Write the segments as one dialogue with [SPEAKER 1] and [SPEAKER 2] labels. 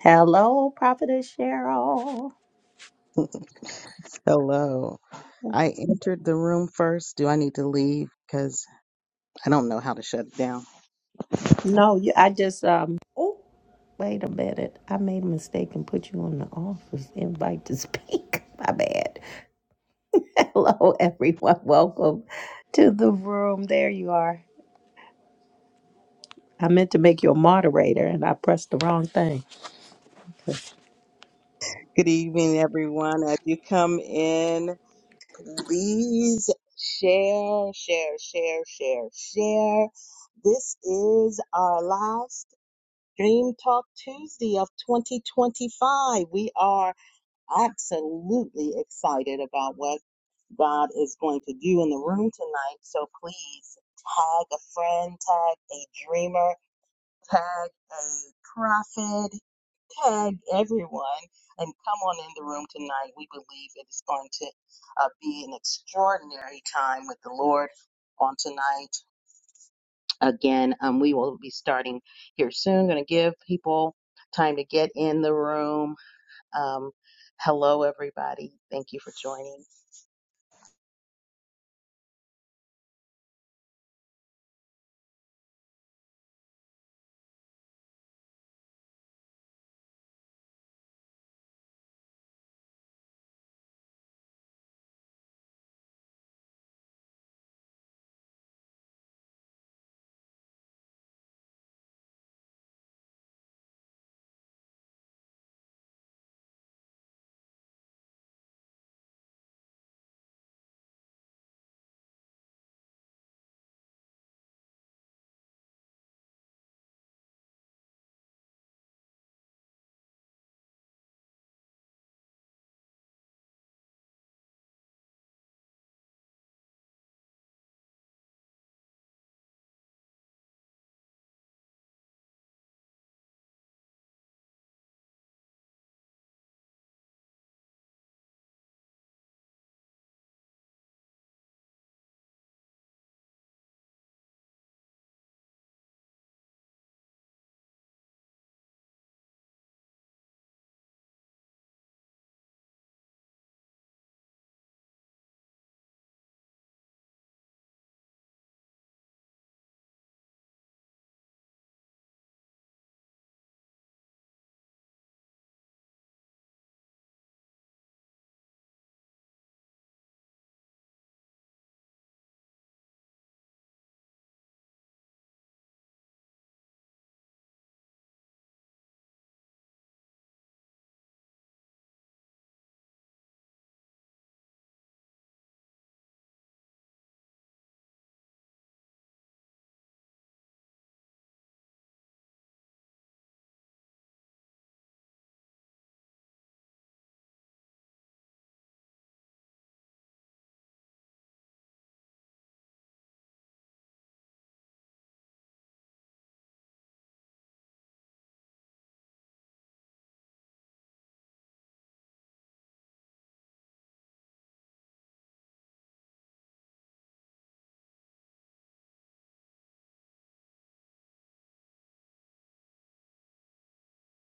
[SPEAKER 1] Hello, Prophetess Cheryl.
[SPEAKER 2] Hello. I entered the room first. Do I need to leave? Because I don't know how to shut it down.
[SPEAKER 1] No, you, I just um. Oh, wait a minute. I made a mistake and put you on the office invite to speak. My bad. Hello, everyone. Welcome to the room. There you are. I meant to make you a moderator, and I pressed the wrong thing.
[SPEAKER 2] Good evening, everyone. As you come in, please share, share, share, share, share. This is our live Dream Talk Tuesday of 2025. We are absolutely excited about what God is going to do in the room tonight. So please tag a friend, tag a dreamer, tag a prophet, tag everyone, and come on in the room tonight. We believe it is going to uh, be an extraordinary time with the Lord on tonight again. Um, we will be starting here soon. Going to give people time to get in the room. Um, hello, everybody. Thank you for joining.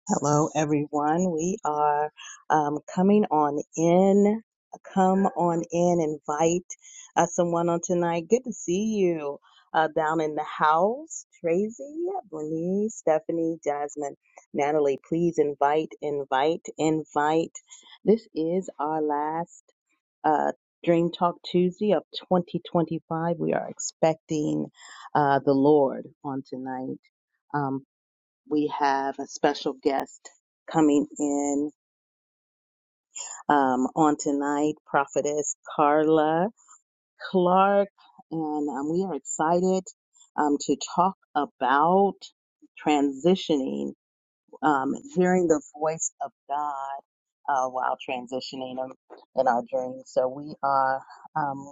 [SPEAKER 2] Hello, everyone. We are um, coming on in. Come on in. Invite uh, someone on tonight. Good to see you uh, down in the house. Tracy, Bernice, Stephanie, Jasmine, Natalie. Please invite, invite, invite. This is our last. uh, Dream Talk Tuesday of 2025. We are expecting uh, the Lord on tonight. Um, we have a special guest coming in um, on tonight, Prophetess Carla Clark, and um, we are excited um, to talk about transitioning, um, hearing the voice of God uh, while transitioning in, in our dreams. So we are. um.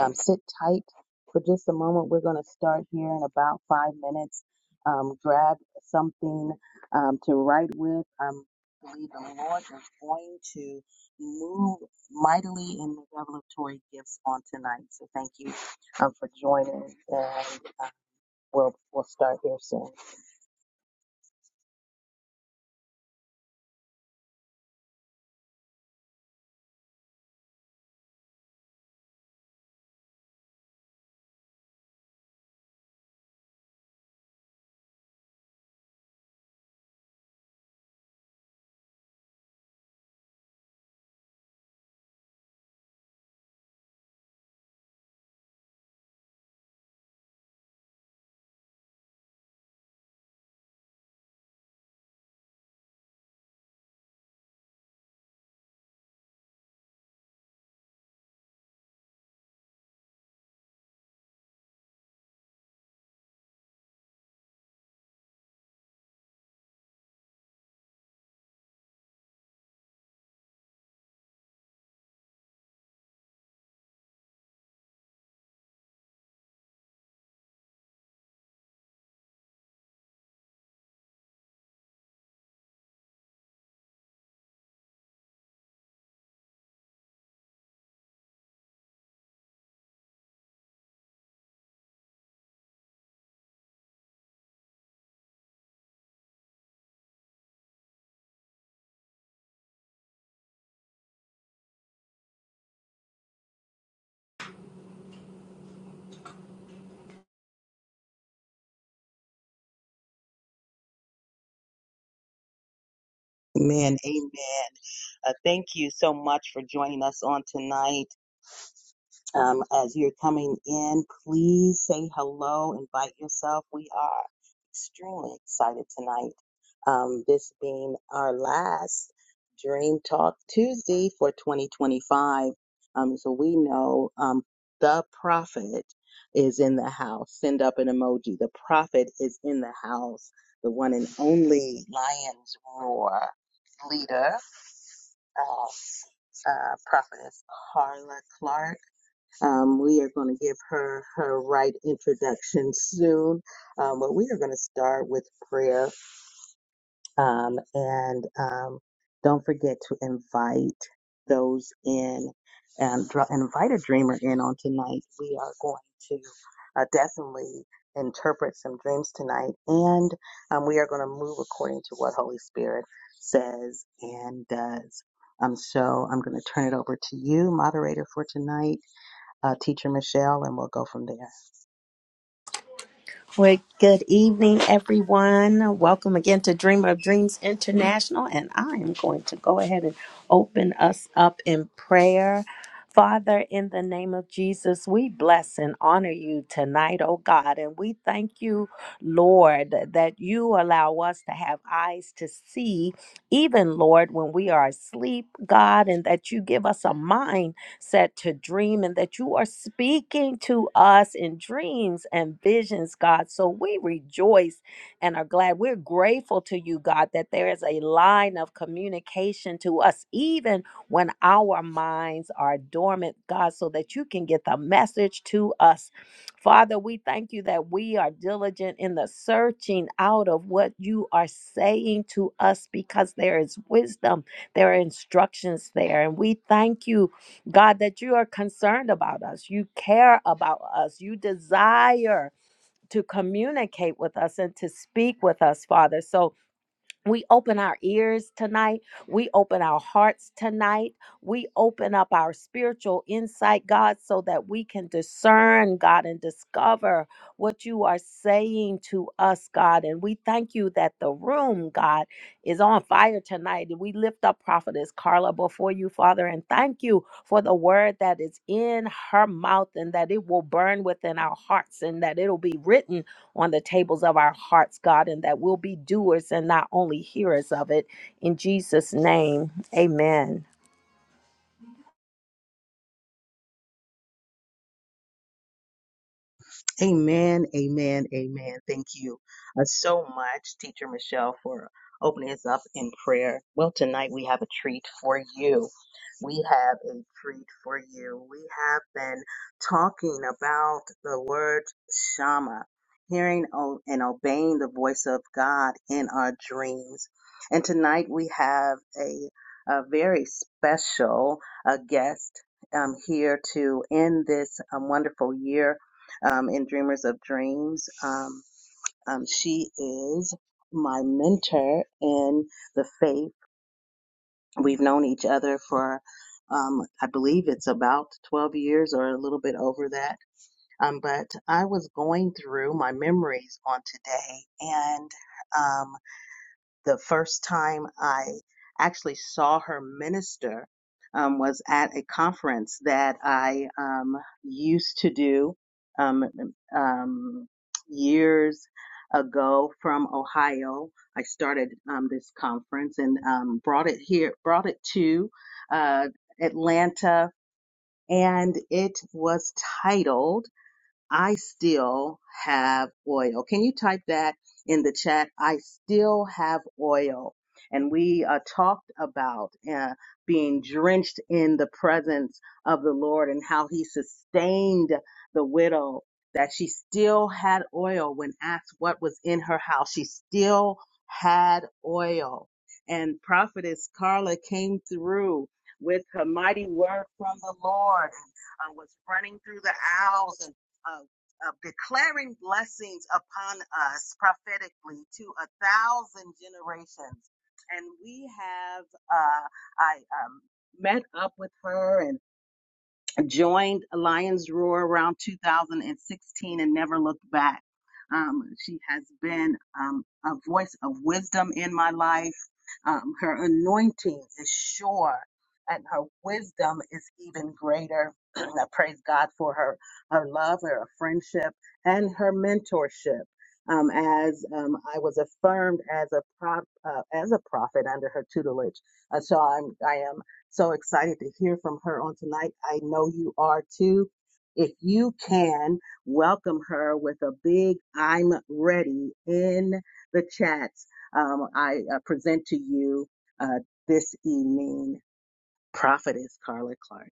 [SPEAKER 2] um, sit tight for just a moment. We're going to start here in about five minutes. Um, grab something um, to write with. Um, I believe the Lord is going to move mightily in the revelatory gifts on tonight. So thank you um, for joining, and we'll we'll start here soon. Amen. Amen. Uh, thank you so much for joining us on tonight. Um, as you're coming in, please say hello, invite yourself. We are extremely excited tonight. Um, this being our last Dream Talk Tuesday for 2025. Um, so we know um, the prophet is in the house. Send up an emoji. The prophet is in the house, the one and only Lion's Roar leader, uh, uh, prophetess Carla Clark um, we are going to give her her right introduction soon, um, but we are going to start with prayer. Um, and um, don't forget to invite those in and dr- invite a dreamer in on tonight. We are going to uh, definitely interpret some dreams tonight, and um, we are going to move according to what Holy Spirit says and does. Um, so I'm going to turn it over to you, moderator, for tonight uh, Teacher Michelle, and we'll go from there.
[SPEAKER 1] Well, good evening, everyone. Welcome again to Dream of Dreams International. And I am going to go ahead and open us up in prayer. Father, in the name of Jesus, we bless and honor you tonight, oh God. And we thank you, Lord, that you allow us to have eyes to see, even, Lord, when we are asleep, God, and that you give us a mind set to dream and that you are speaking to us in dreams and visions, God. So we rejoice and are glad. We're grateful to you, God, that there is a line of communication to us, even when our minds are dormant, God, so that you can get the message to us. Father, we thank you that we are diligent in the searching out of what you are saying to us because there is wisdom, there are instructions there. And we thank you God, that you are concerned about us. You care about us. You desire to communicate with us and to speak with us, Father. So, we open our ears tonight. We open our hearts tonight. We open up our spiritual insight, God, so that we can discern, God, and discover what you are saying to us, God. And we thank you that the room, God, is on fire tonight. And we lift up Prophetess Carla before you, Father, and thank you for the word that is in her mouth and that it will burn within our hearts and that it'll be written on the tables of our hearts, God, and that we'll be doers and not only hearers of it. In Jesus' name, amen.
[SPEAKER 2] Amen, amen, amen. Thank you uh, so much, Teacher Michelle, for opening us up in prayer. Well, tonight we have a treat for you. We have a treat for you. We have been talking about the word Shama, hearing o- and obeying the voice of God in our dreams. And tonight we have a, a very special uh, guest um, here to end this um, wonderful year um, in Dreamers of Dreams. Um, um, she is my mentor in the faith. We've known each other for, um, I believe it's about 12 years or a little bit over that. Um, but I was going through my memories on today and um, the first time I actually saw her minister um, was at a conference that I um, used to do um, um, years ago from Ohio. I started um, this conference and um, brought it here, brought it to uh, Atlanta, and it was titled. I still have oil. Can you type that in the chat? I still have oil. And we uh, talked about uh, being drenched in the presence of the Lord and how he sustained the widow, that she still had oil when asked what was in her house. She still had oil. And prophetess Carla came through with her mighty word from the Lord uh, was running through the aisles uh, uh, declaring blessings upon us prophetically to a thousand generations. And we have, uh, I um, met up with her, and joined Lions Roar around 2016 and never looked back. Um, she has been um, a voice of wisdom in my life. Um, her anointing is sure, and her wisdom is even greater. I praise God for her, her love, her friendship, and her mentorship. Um, as um, I was affirmed as a prop, uh, as a prophet under her tutelage, uh, so I'm I am so excited to hear from her on tonight. I know you are too. If you can, welcome her with a big I'm ready in the chats. Um, I uh, present to you uh, this evening, Prophetess Carla Clark.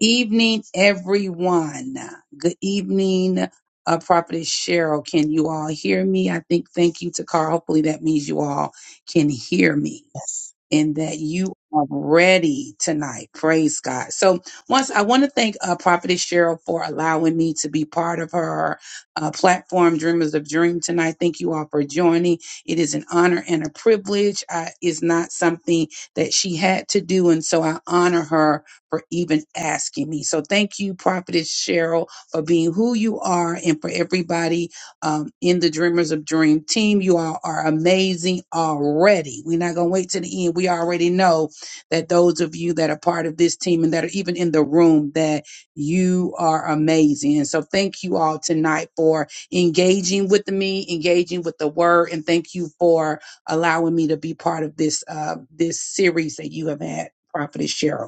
[SPEAKER 3] evening, everyone. Good evening, uh, Prophetess Cheryl. Can you all hear me? I think, thank you to Carl. Hopefully that means you all can hear me
[SPEAKER 2] Yes.
[SPEAKER 3] and that you are ready tonight. Praise God. So, once I want to thank uh, Prophetess Cheryl for allowing me to be part of her uh, platform, Dreamers of Dream, tonight. Thank you all for joining. It is an honor and a privilege. I, it's not something that she had to do. And so, I honor her for even asking me. So, thank you, Prophetess Cheryl, for being who you are and for everybody um, in the Dreamers of Dream team. You all are amazing already. We're not going to wait to the end. We already know that those of you that are part of this team and that are even in the room, that you are amazing. And so thank you all tonight for engaging with me, engaging with the word, and thank you for allowing me to be part of this uh, this series that you have had, Prophetess Cheryl.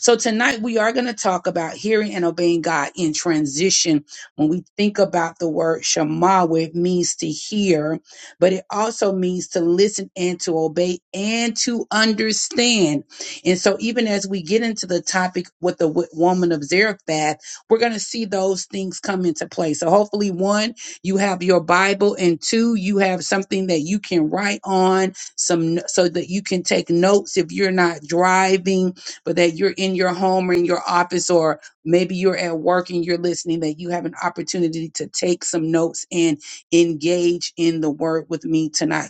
[SPEAKER 3] So tonight we are going to talk about hearing and obeying God in transition. When we think about the word Shema, where it means to hear, but it also means to listen and to obey and to understand. And so even as we get into the topic with the wo- woman of Zarephath, we're going to see those things come into play. So hopefully one, you have your Bible and two, you have something that you can write on some so that you can take notes if you're not driving but that you're in your home or in your office, or maybe you're at work and you're listening, that you have an opportunity to take some notes and engage in the word with me tonight.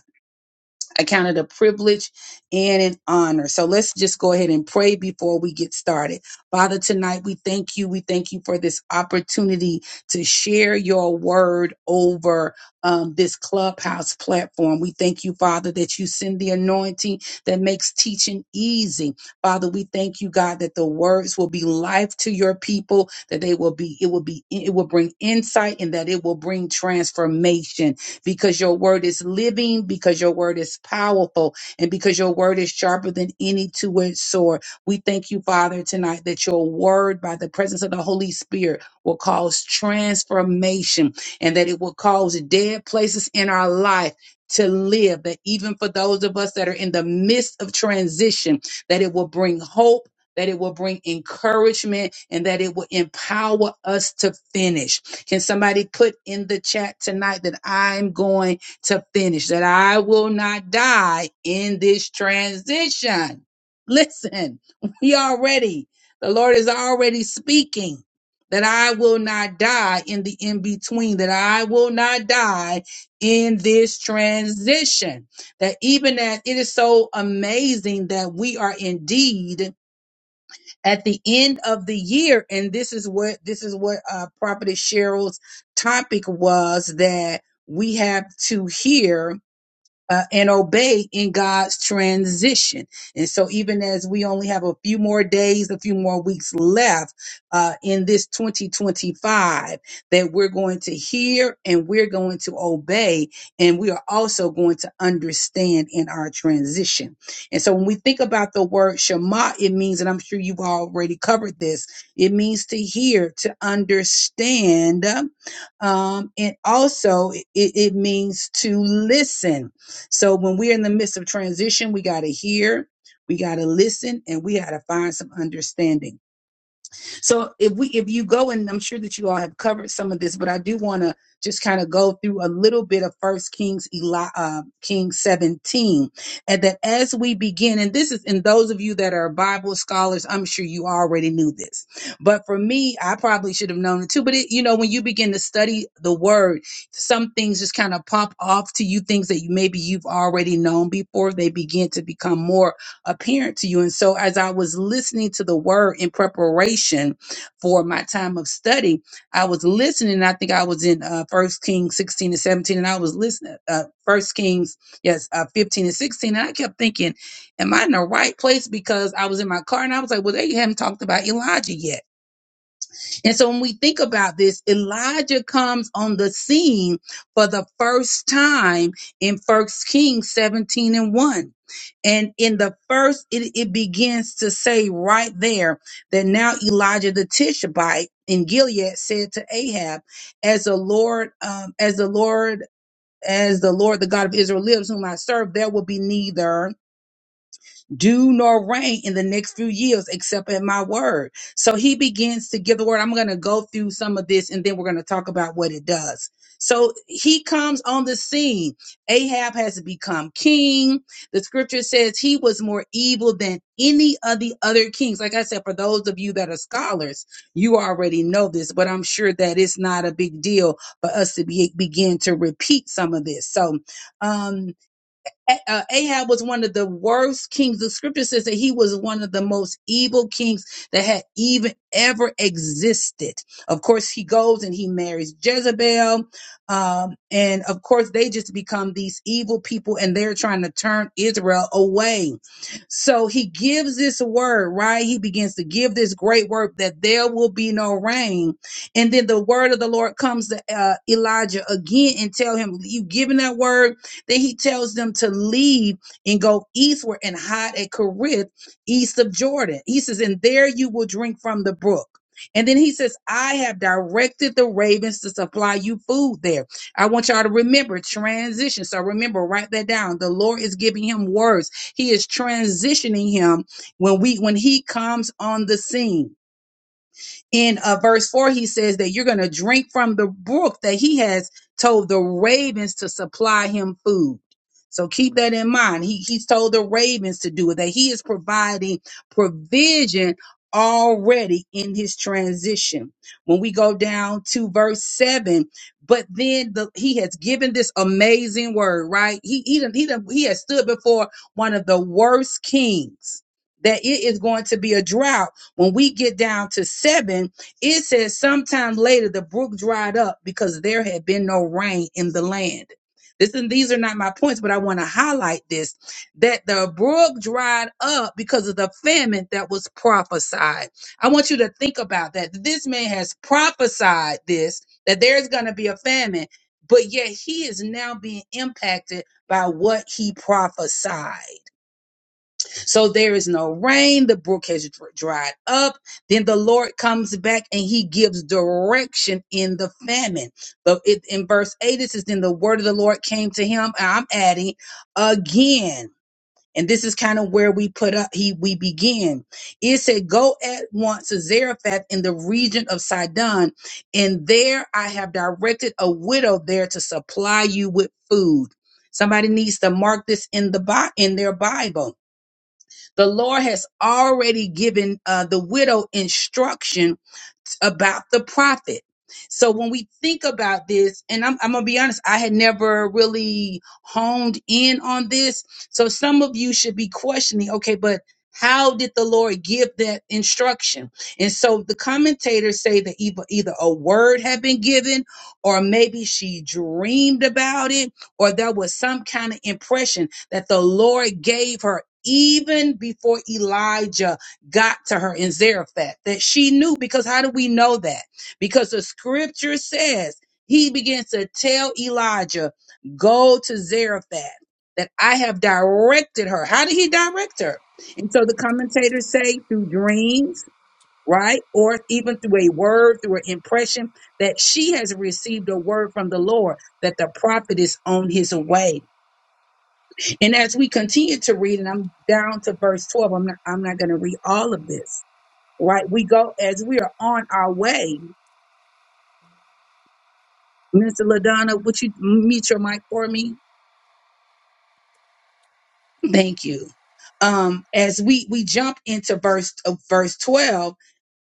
[SPEAKER 3] I count it a privilege and an honor. So let's just go ahead and pray before we get started. Father, tonight we thank you. We thank you for this opportunity to share your word over um, this clubhouse platform. We thank you, Father, that you send the anointing that makes teaching easy. Father, we thank you, God, that the words will be life to your people, that they will be, it will be, it will bring insight and that it will bring transformation because your word is living, because your word is powerful, and because your word is sharper than any two edged sword. We thank you, Father, tonight that your word, by the presence of the Holy Spirit, will cause transformation and that it will cause dead places in our life. To live, that even for those of us that are in the midst of transition, that it will bring hope, that it will bring encouragement, and that it will empower us to finish. Can somebody put in the chat tonight that I'm going to finish, that I will not die in this transition? Listen, we already, the Lord is already speaking. That I will not die in the in between, that I will not die in this transition. That even as it is so amazing that we are indeed at the end of the year and this is what this is what uh prophetess cheryl's topic was that we have to hear uh, and obey in God's transition. And so, even as we only have a few more days, a few more weeks left uh, in this 2025, that we're going to hear and we're going to obey, and we are also going to understand in our transition. And so, when we think about the word Shema, it means, and I'm sure you've already covered this, it means to hear, to understand, um, and also it, it means to listen so when we're in the midst of transition, we got to hear, we got to listen, and we got to find some understanding. So if we if you go and I'm sure that you all have covered some of this, but I do want to just kind of go through a little bit of First Kings Eli, uh, King 17, and that as we begin, and this is and those of you that are Bible scholars, I'm sure you already knew this, but for me, I probably should have known it too. But it, you know, when you begin to study the Word, some things just kind of pop off to you, things that you maybe you've already known before. They begin to become more apparent to you. And so, as I was listening to the word in preparation for my time of study, I was listening. I think I was in uh, First Kings 16 and 17, and I was listening. Uh, First Kings, yes, uh, 15 and 16. And I kept thinking, am I in the right place? Because I was in my car and I was like, well, they haven't talked about Elijah yet. And so when we think about this, Elijah comes on the scene for the first time in First Kings 17 and 1. And in the first, it, it begins to say right there that now Elijah the Tishbite in Gilead said to Ahab, as the Lord, um, as the Lord, as the Lord, the God of Israel lives, whom I serve, there will be neither dew nor rain in the next few years except in my word. So he begins to give the word. I'm going to go through some of this and then we're going to talk about what it does. So he comes on the scene. Ahab has become king. The scripture says he was more evil than any of the other kings. Like I said, for those of you that are scholars, you already know this, but I'm sure that it's not a big deal for us to be, begin to repeat some of this. So, um, uh, Ahab was one of the worst kings. The scripture says that he was one of the most evil kings that had even ever existed. Of course, he goes and he marries Jezebel. Um, and of course, they just become these evil people and they're trying to turn Israel away. So he gives this word, right? He begins to give this great word that there will be no rain. And then the word of the Lord comes to uh, Elijah again and tell him, You've given that word then he tells them to leave and go eastward and hide at Kerith, east of Jordan. He says, and there you will drink from the brook. And then he says, I have directed the ravens to supply you food there. I want y'all to remember transition. So remember, write that down. The Lord is giving him words. He is transitioning him when we when he comes on the scene in uh, verse 4 he says that you're going to drink from the brook that he has told the ravens to supply him food so keep that in mind he, he's told the ravens to do it that he is providing provision already in his transition when we go down to verse 7 but then the, he has given this amazing word right he he, done, he, done, he has stood before one of the worst kings that it is going to be a drought when we get down to seven, it says sometime later the brook dried up because there had been no rain in the land. This and these are not my points, but I want to highlight this that the brook dried up because of the famine that was prophesied. I want you to think about that. This man has prophesied this, that there's going to be a famine, but yet he is now being impacted by what he prophesied. So there is no rain. The brook has dr- dried up. Then the Lord comes back and he gives direction in the famine. But it, in verse 8, it says, Then the word of the Lord came to him. and I'm adding again. And this is kind of where we put up, he, we begin. It said, Go at once to Zarephath in the region of Sidon, and there I have directed a widow there to supply you with food. Somebody needs to mark this in the Bi- in their Bible the Lord has already given uh, the widow instruction about the prophet. So when we think about this, and I'm, I'm gonna be honest, I had never really honed in on this. So some of you should be questioning, okay, but how did the Lord give that instruction? And so the commentators say that either either a word had been given, or maybe she dreamed about it, or there was some kind of impression that the Lord gave her even before Elijah got to her in Zarephath that she knew because how do we know that? Because the scripture says he begins to tell Elijah, go to Zarephath that I have directed her. How did he direct her? And so the commentators say through dreams, right? Or even through a word, through an impression that she has received a word from the Lord that the prophet is on his way. And as we continue to read, and I'm down to verse 12, I'm not, I'm not going to read all of this right? We go as we are on our way. Mr. LaDonna, would you mute your mic for me? Thank you. Um, as we we jump into verse uh, verse 12,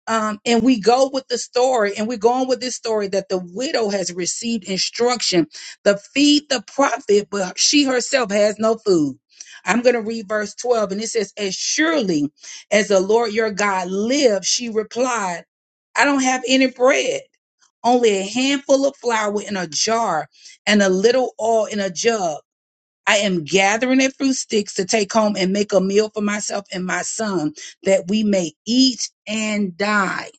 [SPEAKER 3] um, and we go with the story, and we're going with this story that the widow has received instruction to feed the prophet, but she herself has no food. I'm going to read verse 12, and it says, As surely as the Lord your God lives, she replied, I don't have any bread only a handful of flour in a jar and a little oil in a jug. I am gathering it through sticks to take home and make a meal for myself and my son that we may eat and die.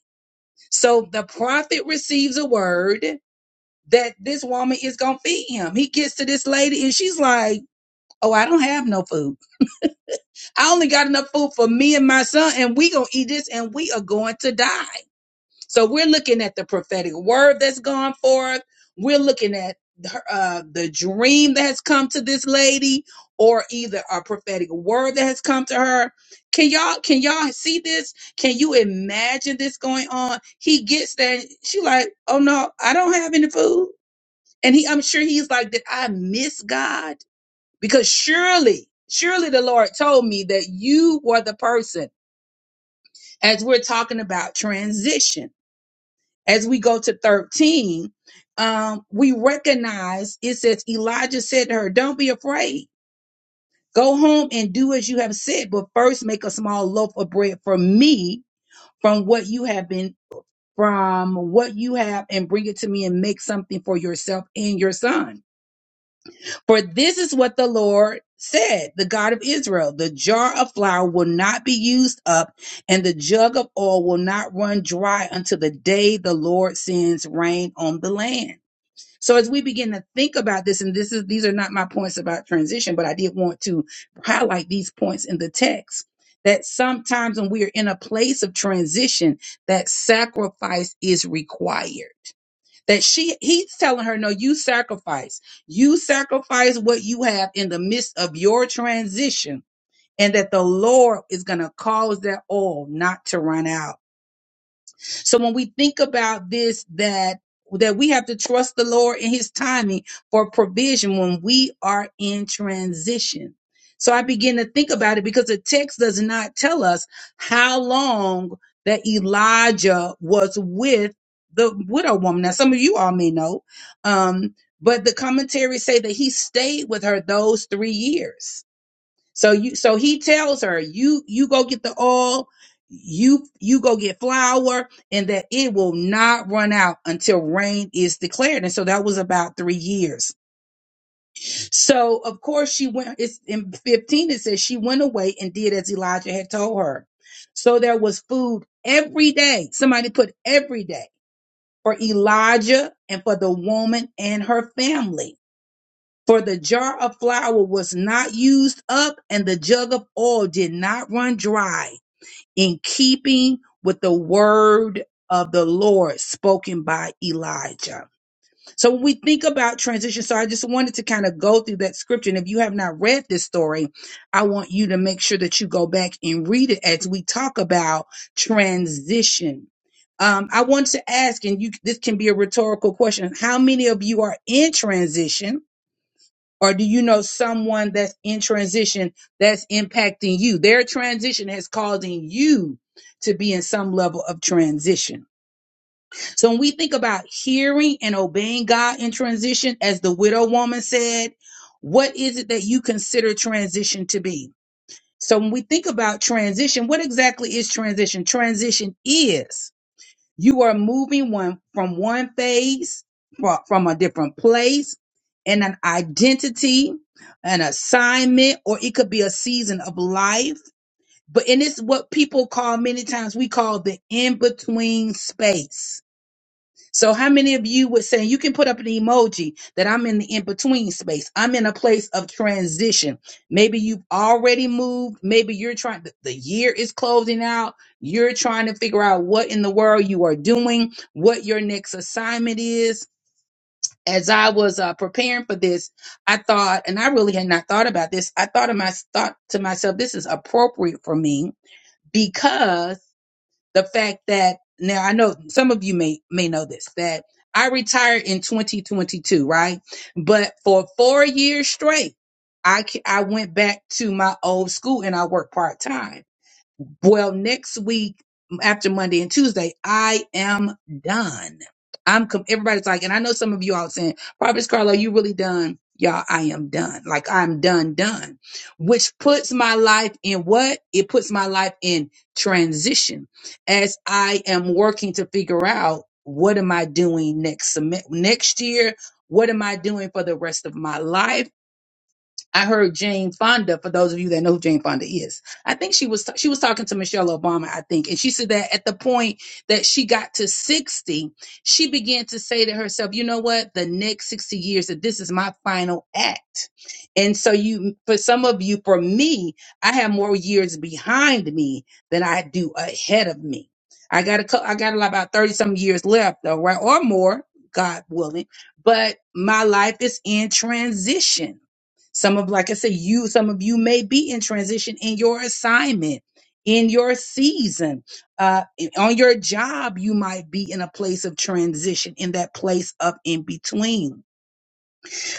[SPEAKER 3] So the prophet receives a word that this woman is going to feed him. He gets to this lady and she's like, Oh, I don't have no food. I only got enough food for me and my son, and we gonna eat this, and we are going to die. So we're looking at the prophetic word that's gone forth. We're looking at the, uh, the dream that has come to this lady, or either a prophetic word that has come to her. Can y'all can y'all see this? Can you imagine this going on? He gets there. and She like, oh no, I don't have any food. And he, I'm sure he's like, did I miss God? Because surely, surely the Lord told me that you were the person as we're talking about transition as we go to 13, um, we recognize it says, Elijah said to her, Don't be afraid. Go home and do as you have said, but first make a small loaf of bread for me from what you have been from what you have and bring it to me and make something for yourself and your son. For this is what the Lord said, the God of Israel, the jar of flour will not be used up and the jug of oil will not run dry until the day the Lord sends rain on the land. So as we begin to think about this, and this is these are not my points about transition, but I did want to highlight these points in the text that sometimes when we are in a place of transition, that sacrifice is required. That she he's telling her, no, you sacrifice. You sacrifice what you have in the midst of your transition. And that the Lord is going to cause that oil not to run out so when we think about this, that that we have to trust the Lord in His timing for provision when we are in transition. So I begin to think about it because the text does not tell us how long that Elijah was with the widow woman. Now, some of you all may know, um, but the commentaries say that he stayed with her those three years so you so he tells her, you you go get the oil, you you go get flour, and that it will not run out until rain is declared. And so that was about three years. So of course she went it's in 15 it says she went away and did as Elijah had told her. So there was food every day. Somebody put every day for Elijah and for the woman and her family. For the jar of flour was not used up, and the jug of oil did not run dry, in keeping with the word of the Lord spoken by Elijah. So when we think about transition, so I just wanted to kind of go through that scripture. And if you have not read this story, I want you to make sure that you go back and read it as we talk about transition. Um, I want to ask, and you, this can be a rhetorical question: How many of you are in transition? Or do you know someone that's in transition that's impacting you? Their transition has causing you to be in some level of transition. So when we think about hearing and obeying God in transition, as the widow woman said, what is it that you consider transition to be? So when we think about transition, what exactly is transition? Transition is you are moving one from one phase, fro- from a different place, and an identity, an assignment, or it could be a season of life. But and it's what people call many times we call the in-between space so how many of you would say you can put up an emoji that I'm in the in-between space? I'm in a place of transition. Maybe you've already moved. Maybe you're trying the the year is closing out. You're trying to figure out what in the world you are doing, what your next assignment is. As I was uh, preparing for this, I thought, and I really had not thought about this. I thought of my thought to myself, this is appropriate for me because the fact that now I know some of you may may know this that I retired in 2022, right? But for 4 years straight, I ca- I went back to my old school and I worked part-time. Well, next week after Monday and Tuesday, I am done. I'm com- everybody's like, and I know some of you all saying, Prophet Carlo, you really done? Y'all, I am done. Like I'm done, done. Which puts my life in what? It puts my life in transition as I am working to figure out what am I doing next sem- next year? What am I doing for the rest of my life? I heard Jane Fonda. For those of you that know who Jane Fonda is, I think she was she was talking to Michelle Obama. I think, and she said that at the point that she got to sixty, she began to say to herself, "You know what? The next sixty years, that this is my final act." And so, you for some of you, for me, I have more years behind me than I do ahead of me. I got a cou- I got about thirty some years left, though, right, or more, God willing. But my life is in transition some of, like I say, you, some of you may be in transition in your assignment, in your season, uh, on your job. You might be in a place of transition, in that place of in between.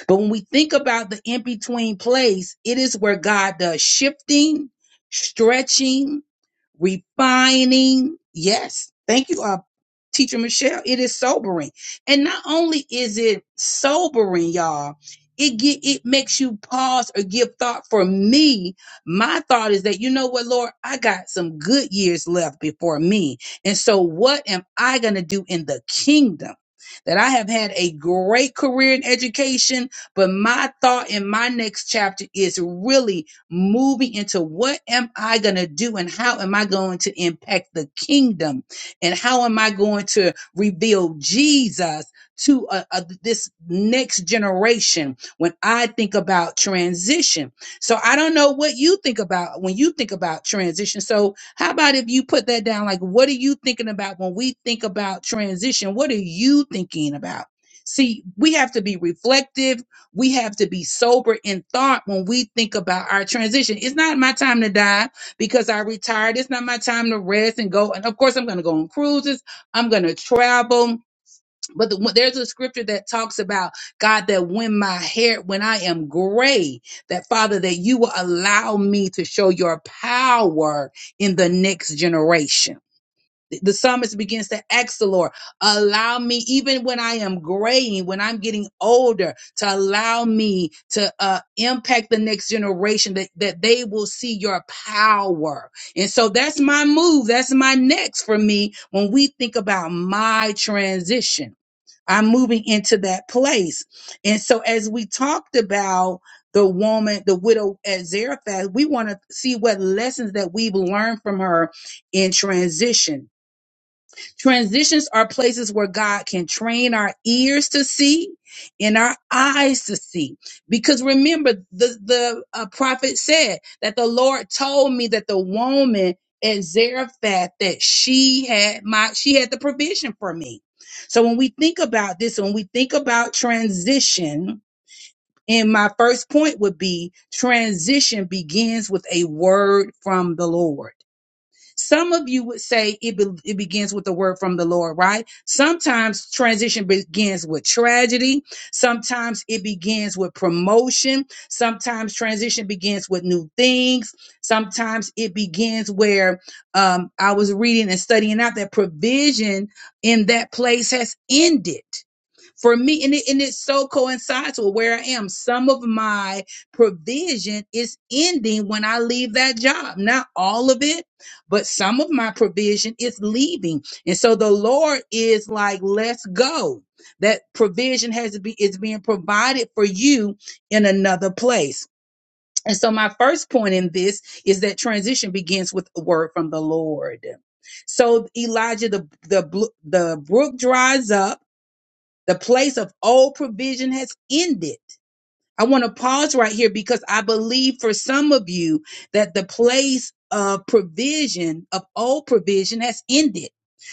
[SPEAKER 3] But when we think about the in between place, it is where God does shifting, stretching, refining. Yes. Thank you, uh, Teacher Michelle. It is sobering. And not only is it sobering, y'all, it get it makes you pause or give thought. For me, my thought is that you know what, Lord, I got some good years left before me. And so what am I gonna do in the kingdom? That I have had a great career in education, but my thought in my next chapter is really moving into what am I going to do and how am I going to impact the kingdom and how am I going to reveal Jesus to uh, uh, this next generation when I think about transition. So I don't know what you think about when you think about transition. So how about if you put that down like what are you thinking about when we think about transition? What are you thinking about? See, we have to be reflective we have to be sober in thought when we think about our transition. It's not my time to die because I retired. It's not my time to rest and go. And of course, I'm going to go on cruises. I'm going to travel. But the, there's a scripture that talks about God that when my hair, when I am gray, that Father, that you will allow me to show your power in the next generation the psalmist begins to ask the Lord, allow me, even when I am graying, when I'm getting older, to allow me to uh, impact the next generation that, that they will see your power. And so that's my move. That's my next for me when we think about my transition. I'm moving into that place. And so as we talked about the woman, the widow at Zarephath, we want to see what lessons that we've learned from her in transition Transitions are places where God can train our ears to see and our eyes to see. Because remember, the, the uh, prophet said that the Lord told me that the woman at Zarephath that she had my she had the provision for me. So when we think about this, when we think about transition, and my first point would be transition begins with a word from the Lord some of you would say it, be- it begins with the word from the Lord, right? Sometimes transition begins with tragedy. Sometimes it begins with promotion. Sometimes transition begins with new things. Sometimes it begins where um, I was reading and studying out that provision in that place has ended for me and it, and it so coincides with where i am some of my provision is ending when i leave that job not all of it but some of my provision is leaving and so the lord is like let's go that provision has to be is being provided for you in another place and so my first point in this is that transition begins with a word from the lord so elijah the the bl- the brook dries up the place of old provision has ended. I want to pause right here because I believe for some of you that the place of provision, of old provision, has ended.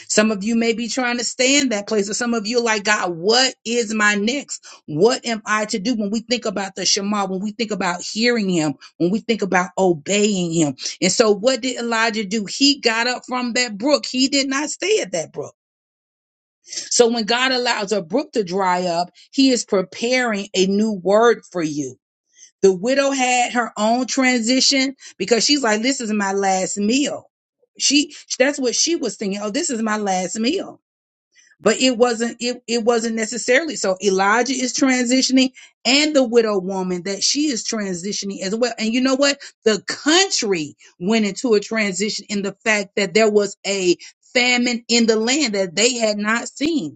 [SPEAKER 3] Some of you may be trying to stay in that place, or some of you are like, God, what is my next? What am I to do when we think about the Shema, when we think about hearing him, when we think about obeying him? And so, what did Elijah do? He got up from that brook. He did not stay at that brook. So when God allows a brook to dry up, he is preparing a new word for you. The widow had her own transition because she's like, this is my last meal. She, that's what she was thinking. Oh, this is my last meal. But it wasn't, it, it wasn't necessarily. So Elijah is transitioning and the widow woman that she is transitioning as well. And you know what? The country went into a transition in the fact that there was a famine in the land that they had not seen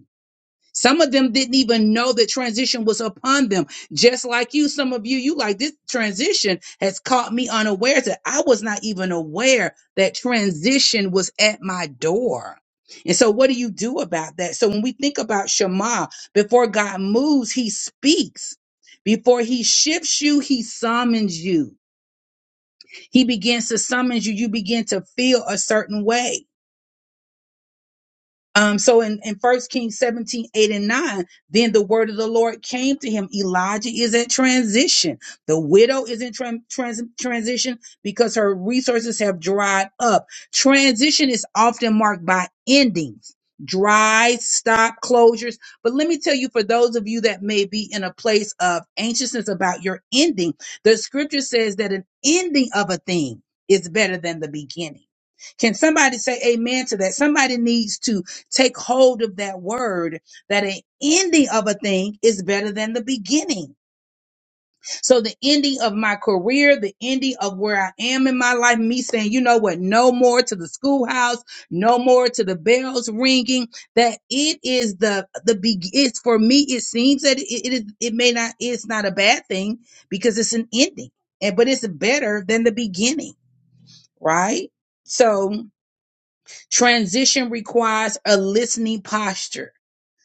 [SPEAKER 3] some of them didn't even know that transition was upon them. Just like you, some of you, you like this transition has caught me unawares that I was not even aware that transition was at my door. And so, what do you do about that? So, when we think about Shema, before God moves, He speaks. Before He shifts you, He summons you. He begins to summons you. You begin to feel a certain way. Um, so in, in 1 Kings 17, eight and 9, then the word of the Lord came to him. Elijah is at transition. The widow is in tran- trans- transition because her resources have dried up. Transition is often marked by endings, dry, stop, closures. But let me tell you, for those of you that may be in a place of anxiousness about your ending, the scripture says that an ending of a thing is better than the beginning. Can somebody say amen to that? Somebody needs to Take hold of that word that an ending of a thing is better than the beginning. So the ending of my career, the ending of where I am in my life, me saying, you know what, no more to the schoolhouse, no more to the bells ringing, that it is the, the, be- it's for me, it seems that it, it is, it may not, it's not a bad thing because it's an ending and, but it's better than the beginning, right? So transition requires a listening posture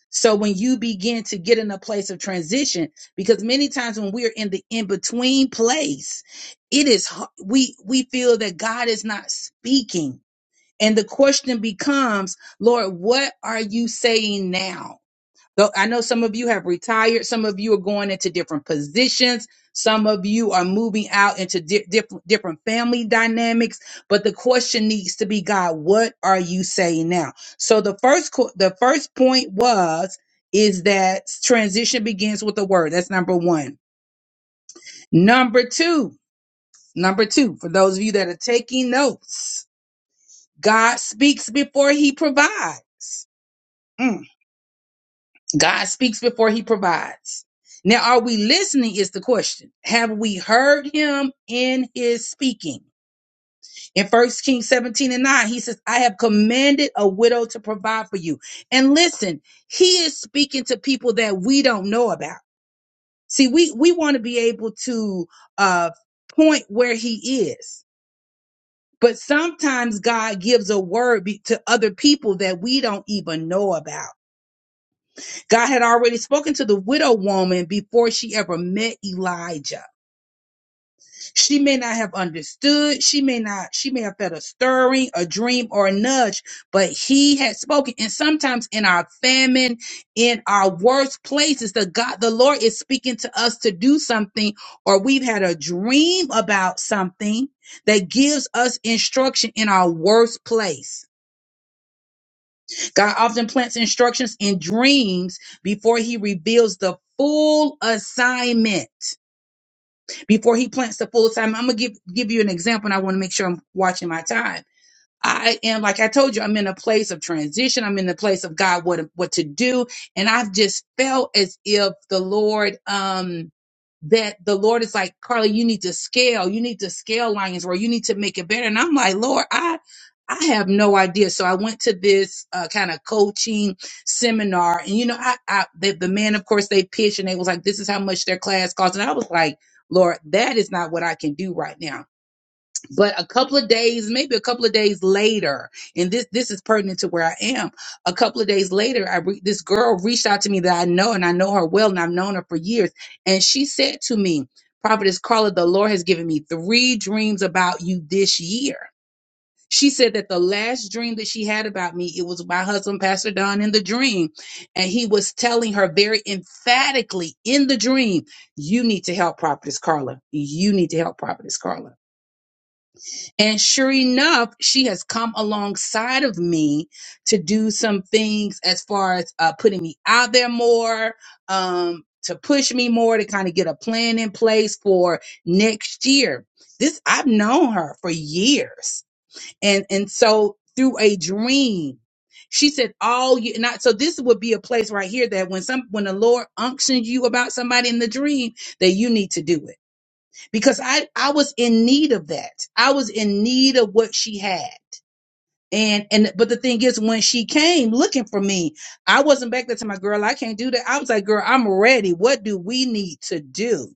[SPEAKER 3] so when you begin to get in a place of transition, because many times when we're in the in between place, it is h- we we feel that God is not speaking, and the question becomes, Lord, what are you saying now? Though I know some of you have retired, some of you are going into different positions, some of you are moving out into di- different different family dynamics. But the question needs to be, God, what are you saying now? So the first qu- the first point was is that transition begins with a word. That's number one. Number two, number two, for those of you that are taking notes, God speaks before He provides. Mm. God speaks before he provides. Now, are we listening? Is the question. Have we heard him in his speaking? In First Kings 17 and 9, he says, I have commanded a widow to provide for you. And listen, he is speaking to people that we don't know about. See, we, we want to be able to uh, point where he is. But sometimes God gives a word be- to other people that we don't even know about. God had already spoken to the widow woman before she ever met Elijah. She may not have understood. She may not, she may have felt a stirring, a dream, or a nudge, but he had spoken. And sometimes in our famine, in our worst places, the God, the Lord is speaking to us to do something, or we've had a dream about something that gives us instruction in our worst place. God often plants instructions in dreams before he reveals the full assignment. Before he plants the full assignment, I'm gonna give give you an example, and I want to make sure I'm watching my time. I am like I told you, I'm in a place of transition. I'm in the place of God, what what to do, and I've just felt as if the Lord, um, that the Lord is like, Carly, you need to scale, you need to scale Lions Roar, you need to make it better. And I'm like, Lord, I I have no idea. So I went to this uh, kind of coaching seminar, and you know, I, I the, the men, of course, they pitched and they was like, this is how much their class costs, and I was like, Lord, that is not what I can do right now. But a couple of days, maybe a couple of days later, and this this is pertinent to where I am. A couple of days later, I re- this girl reached out to me that I know, and I know her well, and I've known her for years. And she said to me, "Prophetess Carla, the Lord has given me three dreams about you this year." She said that the last dream that she had about me, it was my husband, Pastor Don, in the dream. And he was telling her very emphatically in the dream, You need to help Prophetess Carla. You need to help Prophetess Carla. And sure enough, she has come alongside of me to do some things as far as uh, putting me out there more, um, to push me more, to kind of get a plan in place for next year. This I've known her for years, and and so through a dream, she said, "All you not." So this would be a place right here that when some when the Lord unctions you about somebody in the dream, that you need to do it because I I was in need of that. I was in need of what she had. And and but the thing is when she came looking for me, I wasn't back there to my girl, I can't do that. I was like, girl, I'm ready. What do we need to do?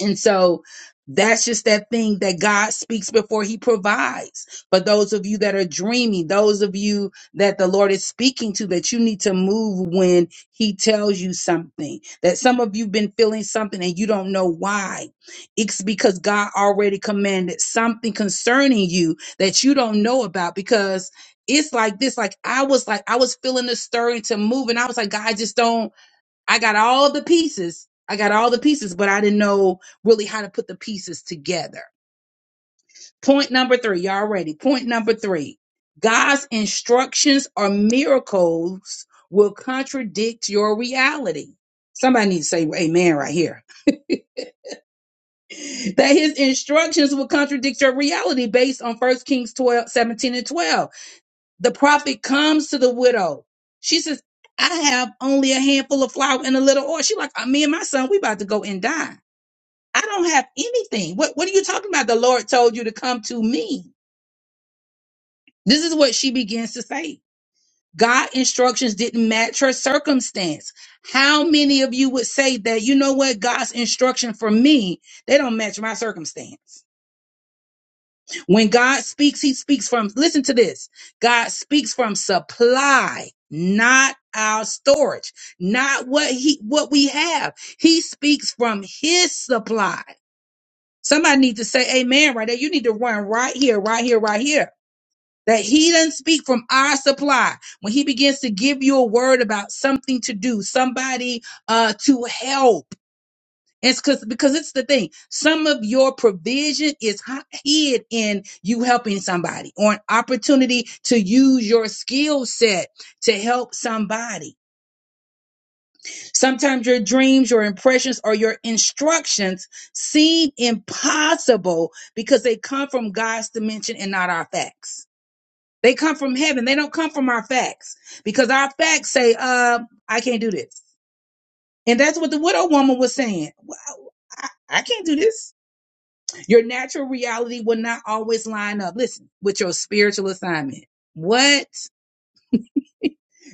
[SPEAKER 3] And so that's just that thing that God speaks before he provides. For those of you that are dreamy, those of you that the Lord is speaking to, that you need to move when he tells you something. That some of you've been feeling something and you don't know why. It's because God already commanded something concerning you that you don't know about because it's like this like I was like I was feeling the stirring to move and I was like God I just don't I got all the pieces. I got all the pieces, but I didn't know really how to put the pieces together. Point number three, y'all ready? Point number three God's instructions or miracles will contradict your reality. Somebody needs to say amen right here. That his instructions will contradict your reality based on First Kings 12 17 and 12. The prophet comes to the widow. She says, I have only a handful of flour and a little oil. She like, "Uh, me and my son, we about to go and die I don't have anything. What what are you talking about? The Lord told you to come to me. This is what she begins to say. God instructions didn't match her circumstance. How many of you would say that, you know what, God's instruction for me, they don't match my circumstance. When God speaks, he speaks from, listen to this. God speaks from supply, not our storage, not what he, what we have. He speaks from his supply. Somebody needs to say amen right there. You need to run right here, right here, right here. That he doesn't speak from our supply. When he begins to give you a word about something to do, somebody uh, to help. It's because because it's the thing. Some of your provision is hi- hid in you helping somebody or an opportunity to use your skill set to help somebody. Sometimes your dreams, your impressions, or your instructions seem impossible because they come from God's dimension and not our facts. They come from heaven. They don't come from our facts because our facts say, uh, I can't do this. And that's what the widow woman was saying. I, I can't do this. Your natural reality will not always line up. Listen, with your spiritual assignment. What?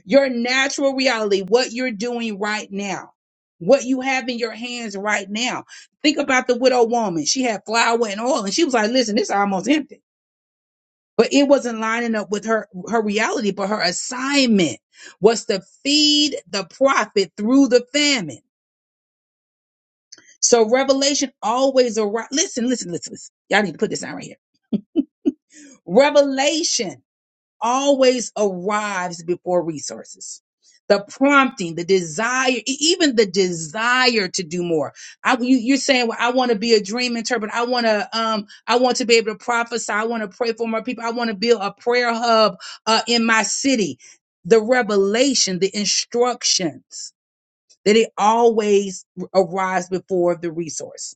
[SPEAKER 3] your natural reality, what you're doing right now, what you have in your hands right now. Think about the widow woman. She had flour and oil, and she was like, "Listen, this is almost empty." But it wasn't lining up with her her reality. But her assignment was to feed the prophet through the famine. So revelation always arrives. Listen, listen, listen, listen. Y'all need to put this down right here. Revelation always arrives before resources. The prompting, the desire, e- even the desire to do more. I, you, you're saying, well, I want to be a dream interpreter. I want to, um, I want to be able to prophesy. I want to pray for more people. I want to build a prayer hub uh, in my city. The revelation, the instructions that it always arrives before the resource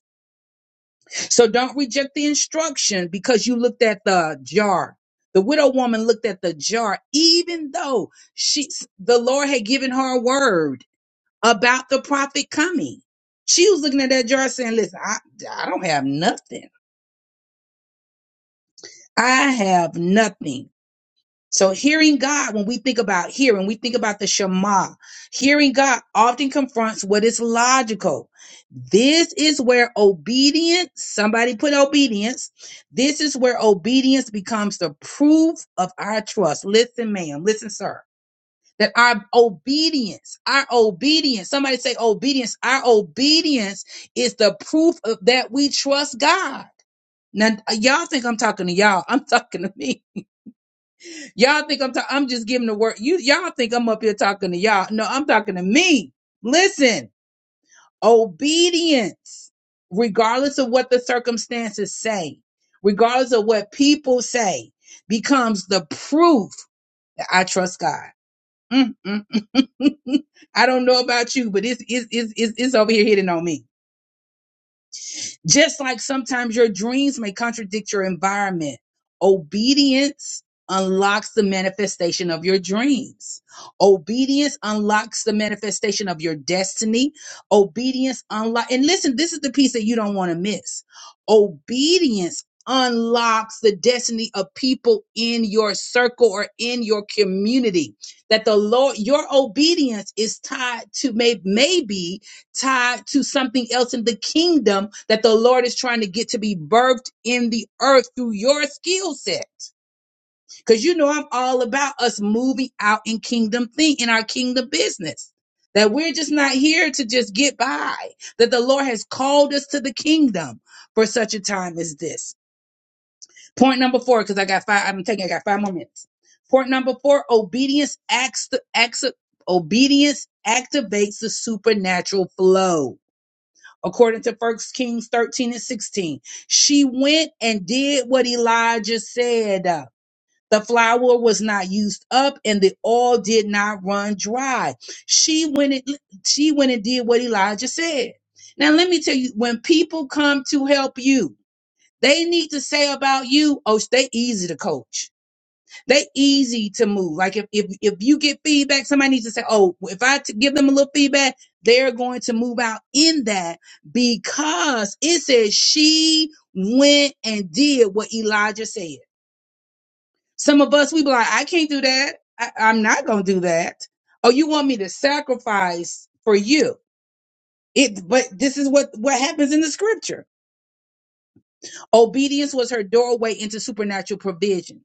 [SPEAKER 3] so don't reject the instruction because you looked at the jar. The widow woman looked at the jar, even though she, the Lord had given her a word about the prophet coming. She was looking at that jar saying, listen, I, I don't have nothing. I have nothing. So hearing God, when we think about hearing, we think about the Shema. Hearing God often confronts what is logical. This is where obedience, somebody put obedience. This is where obedience becomes the proof of our trust. Listen, ma'am, listen, sir, that our obedience, our obedience, somebody say obedience, our obedience is the proof of that we trust God. Now, y'all think I'm talking to y'all. I'm talking to me Y'all think I'm ta- I'm just giving the word. You y'all think I'm up here talking to y'all. No, I'm talking to me. Listen, obedience, regardless of what the circumstances say, regardless of what people say, becomes the proof that I trust God. Mm, mm, mm. mm. I don't know about you, but it's it's it's it's, it's over here hitting on me. Just like sometimes your dreams may contradict your environment, obedience unlocks the manifestation of your dreams. Obedience unlocks the manifestation of your destiny. Obedience unlock and listen, this is the piece that you don't want to miss. Obedience unlocks the destiny of people in your circle or in your community. That the Lord, your obedience is tied to may, maybe tied to something else in the kingdom that the Lord is trying to get to be birthed in the earth through your skill set. Because you know, I'm all about us moving out in kingdom thing, in our kingdom business. That we're just not here to just get by, that the Lord has called us to the kingdom for such a time as this. Point number four, because I got five, I'm taking, I got five more minutes. Point number four, obedience acts the acts, obedience activates the supernatural flow according to First Kings 13 and 16. She went and did what Elijah said. The flour was not used up and the oil did not run dry. She went and, she went and did what Elijah said. Now let me tell you, when people come to help you, they need to say about you, oh, they easy to coach they easy to move. Like if, if if you get feedback, somebody needs to say, "Oh, if I t- give them a little feedback, they're going to move out in that because it says she went and did what Elijah said." Some of us we be like, "I can't do that. I, I'm not going to do that." Oh, you want me to sacrifice for you? It, but this is what what happens in the scripture. Obedience was her doorway into supernatural provision.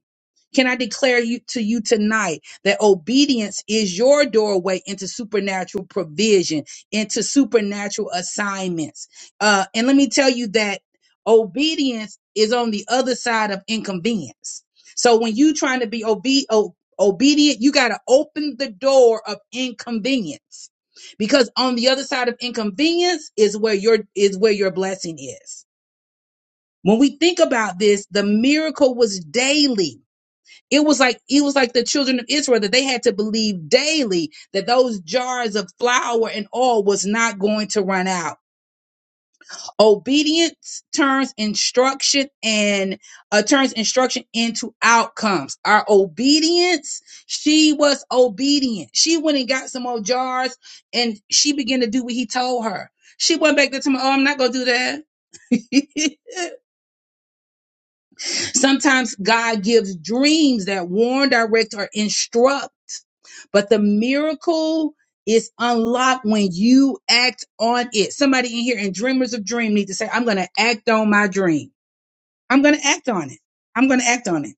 [SPEAKER 3] Can I declare you to you tonight that obedience is your doorway into supernatural provision, into supernatural assignments? Uh, and let me tell you that obedience is on the other side of inconvenience. So when you trying to be obe- o- obedient, you got to open the door of inconvenience because on the other side of inconvenience is where your is where your blessing is. When we think about this, the miracle was daily. It was like it was like the children of Israel that they had to believe daily that those jars of flour and oil was not going to run out. Obedience turns instruction and uh, turns instruction into outcomes. Our obedience, she was obedient. She went and got some old jars and she began to do what he told her. She went back there to me, oh, I'm not gonna do that. Sometimes God gives dreams that warn, direct, or instruct, but the miracle is unlocked when you act on it. Somebody in here in Dreamers of Dream need to say, I'm going to act on my dream. I'm going to act on it. I'm going to act on it.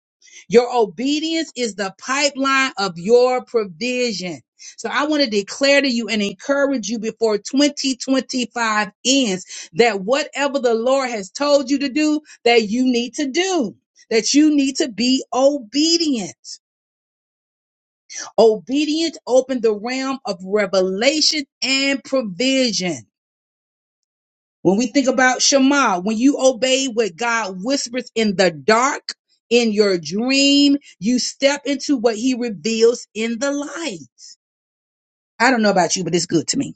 [SPEAKER 3] Your obedience is the pipeline of your provision. So I want to declare to you and encourage you before 2025 ends that whatever the Lord has told you to do, that you need to do, that you need to be obedient. Obedient opened the realm of revelation and provision. When we think about Shema, when you obey what God whispers in the dark, in your dream, you step into what he reveals in the light. I don't know about you, but it's good to me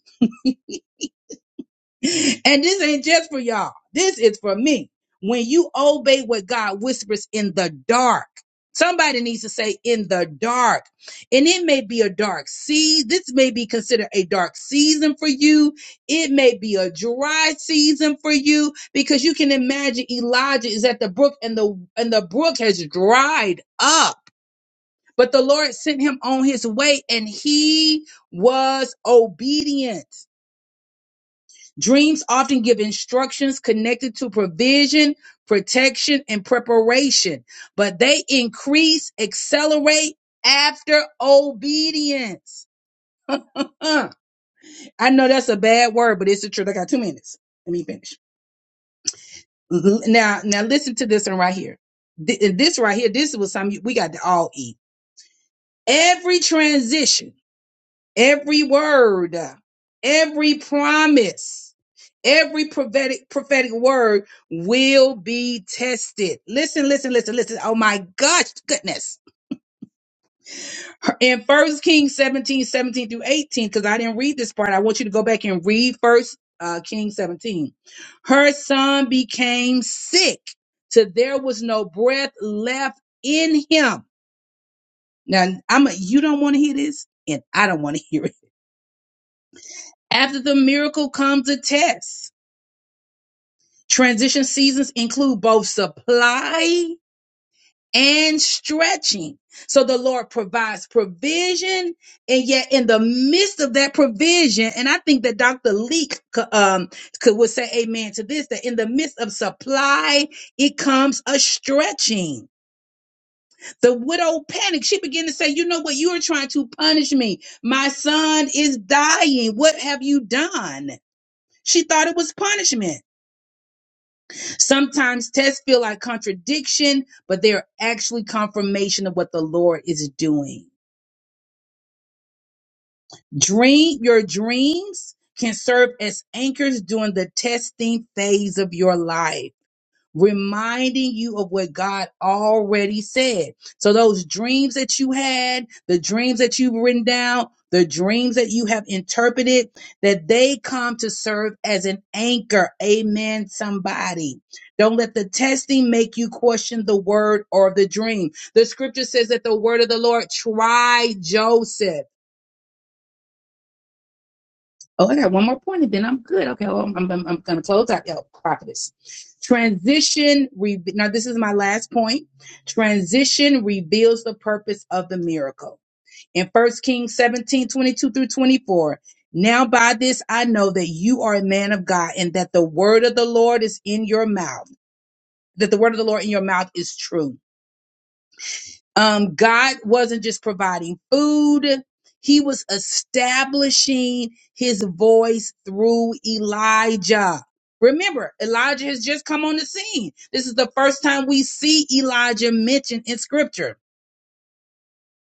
[SPEAKER 3] and this ain't just for y'all. This is for me. When you obey what God whispers in the dark, somebody needs to say in the dark. And it may be a dark sea. This may be considered a dark season for you. It may be a dry season for you because you can imagine Elijah is at the brook and the and the brook has dried up. But the Lord sent him on his way and he was obedient. Dreams often give instructions connected to provision, protection, and preparation, but they increase, accelerate after obedience. Uh, I know that's a bad word, but it's the truth. I got two minutes. Let me finish. L- Now, now listen to this one right here. Th- This right here, this was something we got to all eat. Every transition every word, every promise, every prophetic prophetic word will be tested. Listen, listen, listen, listen. Oh my gosh, goodness. In First Kings seventeen, seventeen through 18, because I didn't read this part. I want you to go back and read first uh King 17. Her son became sick till there was no breath left in him. Now I'm a, you don't want to hear this, and I don't want to hear it After the miracle comes a test. Transition seasons include both supply and stretching. So the Lord provides provision, and yet in the midst of that provision, and I think that Dr. Leek co- um, could would say amen to this, that in the midst of supply, it comes a stretching. The widow panicked. She began to say, You know what? You are trying to punish me. My son is dying. What have you done? She thought it was punishment. Sometimes tests feel like contradiction, but they're actually confirmation of what the Lord is doing. Dream, your dreams can serve as anchors during the testing phase of your life reminding you of what God already said. So those dreams that you had, the dreams that you've written down, the dreams that you have interpreted, that they come to serve as an anchor. Amen, somebody. Don't let the testing make you question the word or the dream. The scripture says that the word of the Lord tried Joseph. Oh, I got one more point and then I'm good. Okay, well, I'm, I'm, I'm going to close out. Yo, prophetess. Transition, re- now this is my last point. Transition reveals the purpose of the miracle. In First Kings 17 22 through 24, now by this I know that you are a man of God and that the word of the Lord is in your mouth, that the word of the Lord in your mouth is true um, God wasn't just providing food, He was establishing His voice through Elijah. Remember, Elijah has just come on the scene. This is the first time we see Elijah mentioned in scripture.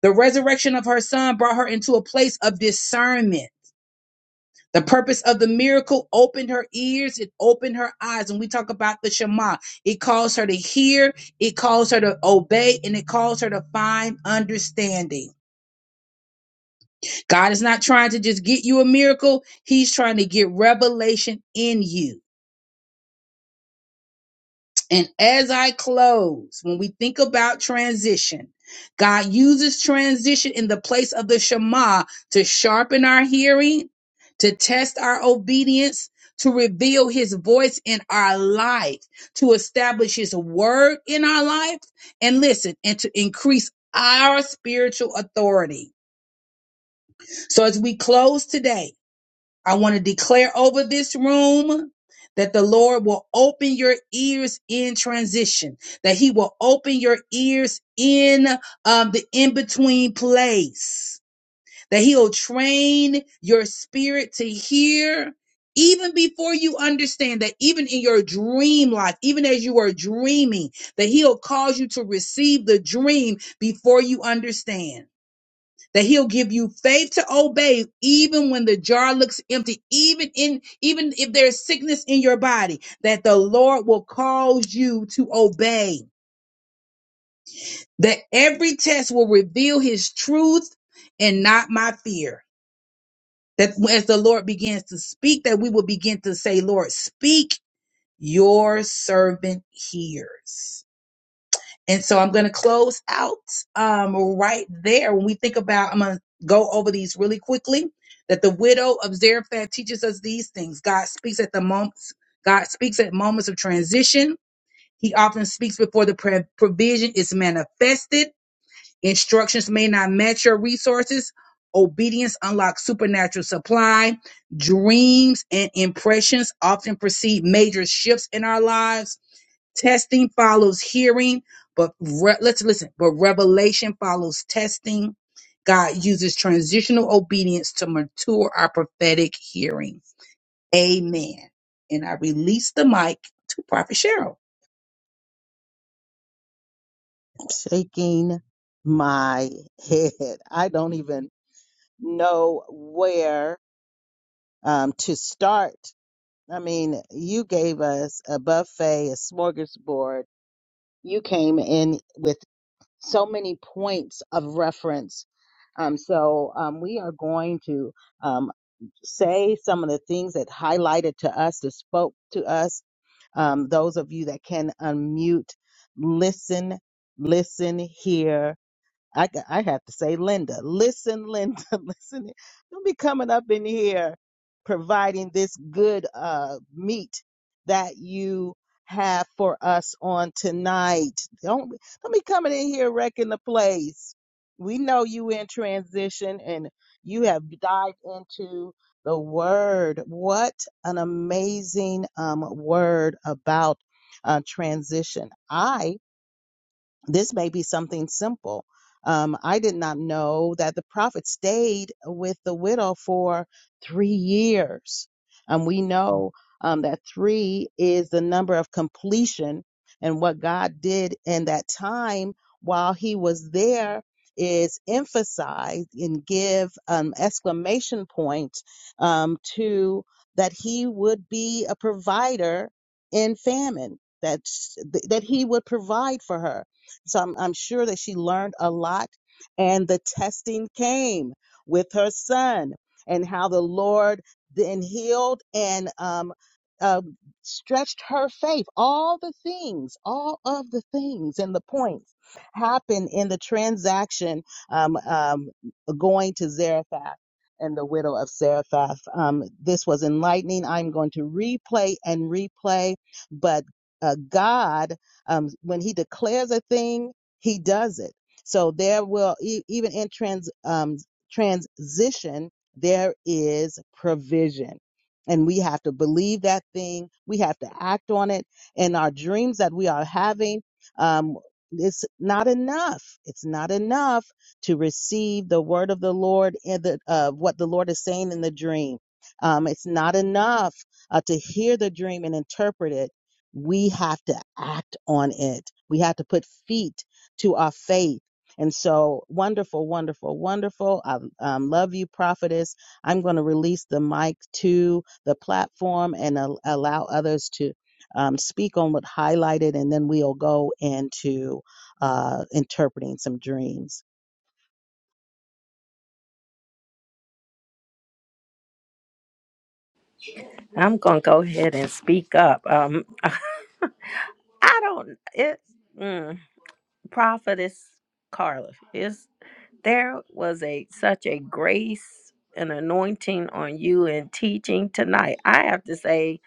[SPEAKER 3] The resurrection of her son brought her into a place of discernment. The purpose of the miracle opened her ears, it opened her eyes. And we talk about the Shema. It calls her to hear, it calls her to obey, and it calls her to find understanding. God is not trying to just get you a miracle, He's trying to get revelation in you. And as I close, when we think about transition, God uses transition in the place of the Shema to sharpen our hearing, to test our obedience, to reveal his voice in our life, to establish his word in our life, and listen, and to increase our spiritual authority. So as we close today, I want to declare over this room that the Lord will open your ears in transition, that He will open your ears in um, the in between place, that He'll train your spirit to hear. Even before you understand that, even in your dream life, even as you are dreaming, that He'll cause you to receive the dream before you understand that he'll give you faith to obey even when the jar looks empty even in even if there's sickness in your body that the lord will cause you to obey that every test will reveal his truth and not my fear that as the lord begins to speak that we will begin to say lord speak your servant hears And so I'm going to close out um, right there. When we think about, I'm going to go over these really quickly. That the widow of Zarephath teaches us these things. God speaks at the moments. God speaks at moments of transition. He often speaks before the pre- provision is manifested. Instructions may not match your resources. Obedience unlocks supernatural supply. Dreams and impressions often precede major shifts in our lives Testing follows hearing, but re- let's listen. But revelation follows testing. God uses transitional obedience to mature our prophetic hearing. Amen. And I release the mic to Prophet Cheryl.
[SPEAKER 2] Shaking my head. I don't even know where um, to start. I mean, you gave us a buffet, a smorgasbord you came in with so many points of reference. Um, so um, we are going to um, say some of the things that highlighted to us, that spoke to us. Um, those of you that can unmute, listen, listen, hear, I g- I have to say, Linda, listen, Linda, listen. Don't be coming up in here providing this good uh meat that you have for us on tonight. Don't don't be coming in here wrecking the place. We know you in transition and you have dived into the word. What an amazing um word about uh transition. I this may be something simple. Um, I did not know that the prophet stayed with the widow for three years. And we know um, that three is the number of completion. And what God did in that time while he was there is emphasize and give um, exclamation point um, to that he would be a provider in famine, that, that he would provide for her so I'm, I'm sure that she learned a lot. And the testing came with her son and how the Lord then healed and um, um, stretched her faith. All the things, all of the things and the points happened in the transaction um, um, going to Zarephath and the widow of Zarephath. Um, this was enlightening. I'm going to replay and replay, but uh, God. Um, when he declares a thing, he does it. So there will e- even in trans um, transition, there is provision. And we have to believe that thing. We have to act on it. And our dreams that we are having, um, it's not enough. It's not enough to receive the word of the Lord and the uh, what the Lord is saying in the dream. Um, it's not enough uh, to hear the dream and interpret it we have to act on it. We have to put feet to our faith. And so, wonderful, wonderful, wonderful. I um, love you, prophetess. I'm going to release the mic to the platform and al- allow others to um, speak on what highlighted, and then we'll go into uh, interpreting some dreams.
[SPEAKER 1] I'm going to go ahead and speak up. Um, I don't, it, mm, prophetess Carla, is there was a such a grace and anointing on you in teaching tonight. I have to say,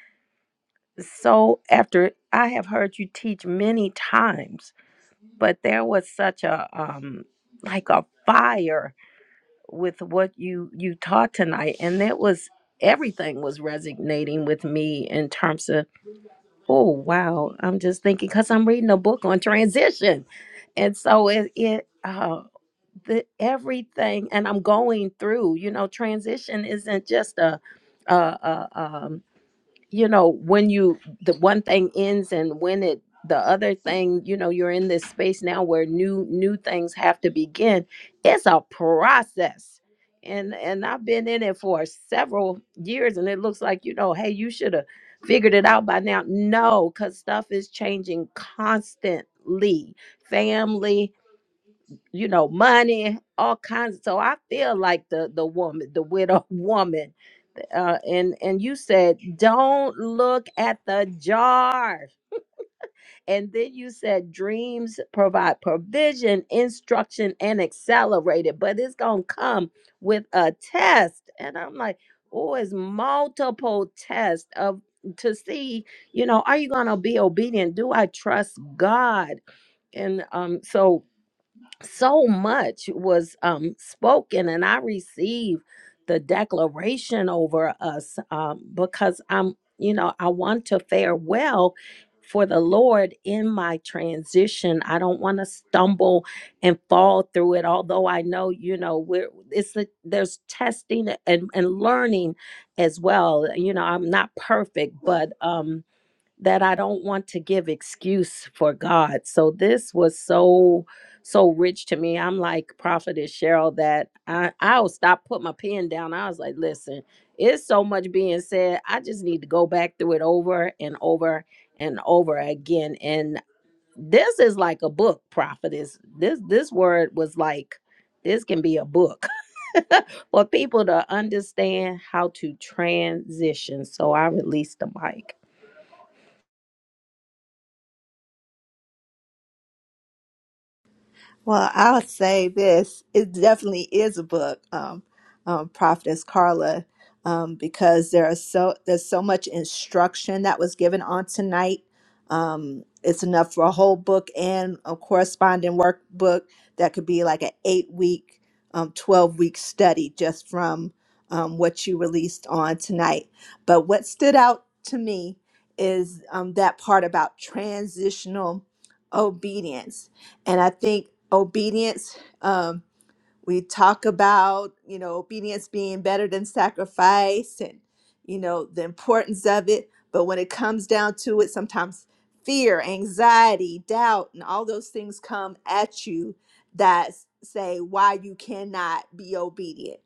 [SPEAKER 1] so after I have heard you teach many times, but there was such a um like a fire with what you you taught tonight and that was everything was resonating with me in terms of oh wow i'm just thinking because i'm reading a book on transition and so it it uh the everything and i'm going through you know transition isn't just a uh you know when you the one thing ends and when it the other thing you know you're in this space now where new new things have to begin it's a process and and i've been in it for several years and it looks like you know hey you should have figured it out by now no because stuff is changing constantly family you know money all kinds so i feel like the the woman the widow woman uh, and and you said don't look at the jar and then you said dreams provide provision instruction and accelerated but it's gonna come with a test and i'm like oh it's multiple tests of to see you know are you gonna be obedient do i trust god and um so so much was um spoken and i receive the declaration over us um because i'm you know i want to fare well for the lord in my transition i don't want to stumble and fall through it although i know you know we're it's the, there's testing and, and learning as well you know i'm not perfect but um that I don't want to give excuse for God. So this was so so rich to me. I'm like prophetess Cheryl that I I'll stop put my pen down. I was like, listen, it's so much being said. I just need to go back through it over and over and over again. And this is like a book, prophetess. This this word was like this can be a book for people to understand how to transition. So I released the mic.
[SPEAKER 4] Well, I'll say this: it definitely is a book, um, um, Prophetess Carla, um, because there are so there's so much instruction that was given on tonight. Um, it's enough for a whole book and a corresponding workbook that could be like an eight week, um, twelve week study just from um, what you released on tonight. But what stood out to me is um, that part about transitional obedience and I think obedience, um, we talk about you know obedience being better than sacrifice and you know the importance of it but when it comes down to it sometimes fear anxiety doubt and all those things come at you that s- say why you cannot be obedient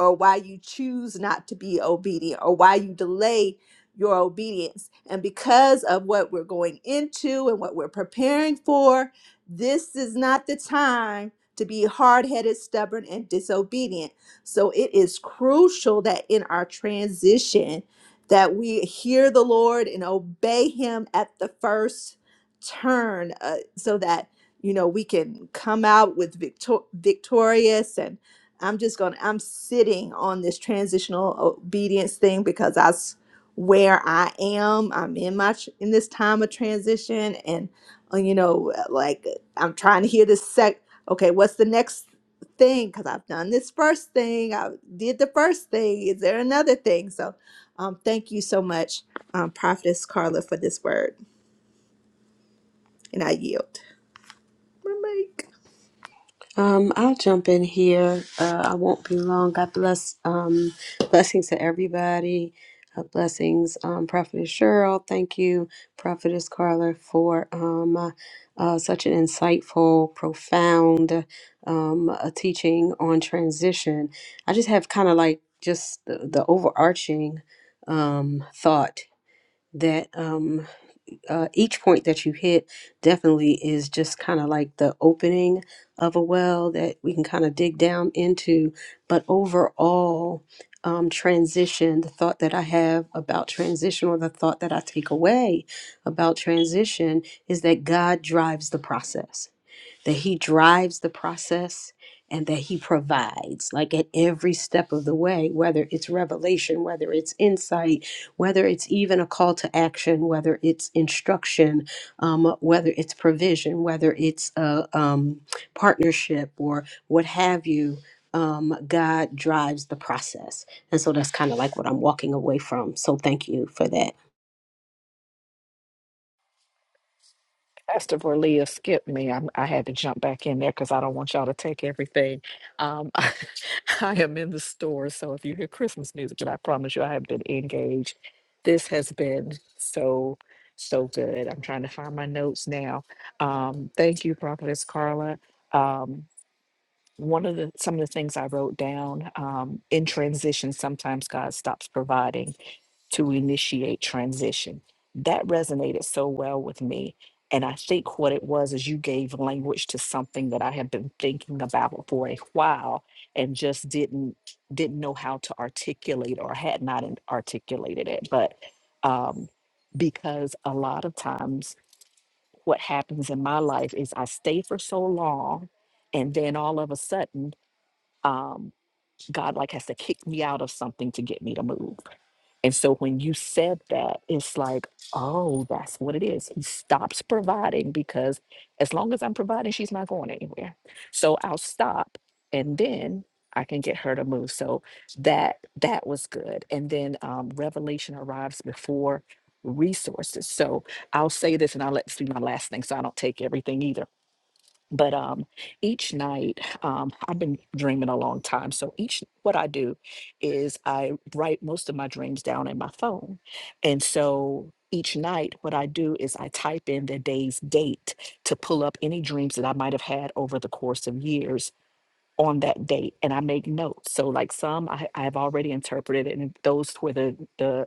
[SPEAKER 4] or why you choose not to be obedient or why you delay your obedience and because of what we're going into and what we're preparing for this is not the time to be hard headed, stubborn, and disobedient. So it is crucial that in our transition, that we hear the Lord and obey Him at the first turn, uh, so that you know we can come out with victor- victorious. And I'm just gonna I'm sitting on this transitional obedience thing because that's where I am. I'm in my tr- in this time of transition, and uh, you know, like I'm trying to hear this okay, what's the next thing? Because I've done this first thing, I did the first thing. Is there another thing? So, um, thank you so much, um, Prophetess Carla, for this word, and I yield. My mic.
[SPEAKER 5] Um, I'll jump in here. Uh, I won't be long. God bless. Um, blessings to everybody. Uh, blessings, um, Prophetess Cheryl. Thank you, Prophetess Carla, for um, uh, uh, such an insightful, profound um, uh, teaching on transition. I just have kind of like just the, the overarching um, thought that. Um, uh, each point that you hit definitely is just kind of like the opening of a well that we can kind of dig down into. But overall, um, transition, the thought that I have about transition, or the thought that I take away about transition, is that God drives the process that he drives the process and that he provides like at every step of the way whether it's revelation whether it's insight whether it's even a call to action whether it's instruction um, whether it's provision whether it's a um, partnership or what have you um, god drives the process and so that's kind of like what i'm walking away from so thank you for that
[SPEAKER 6] Pastor Vorlia skipped me. I'm, I had to jump back in there because I don't want y'all to take everything. Um, I am in the store, so if you hear Christmas music, and I promise you, I have been engaged. This has been so, so good. I'm trying to find my notes now. Um, thank you, Prophetess Carla. Um, one of the some of the things I wrote down um, in transition, sometimes God stops providing to initiate transition. That resonated so well with me. And I think what it was is you gave language to something that I had been thinking about for a while and just didn't didn't know how to articulate or had not in- articulated it. But um, because a lot of times what happens in my life is I stay for so long and then all of a sudden um, God like has to kick me out of something to get me to move. And so when you said that, it's like, oh, that's what it is. He stops providing because as long as I'm providing, she's not going anywhere. So I'll stop and then I can get her to move. So that that was good. And then um, revelation arrives before resources. So I'll say this and I'll let this be my last thing so I don't take everything either but um each night um i've been dreaming a long time so each what i do is i write most of my dreams down in my phone and so each night what i do is i type in the day's date to pull up any dreams that i might have had over the course of years on that date and i make notes so like some i, I have already interpreted and those were the the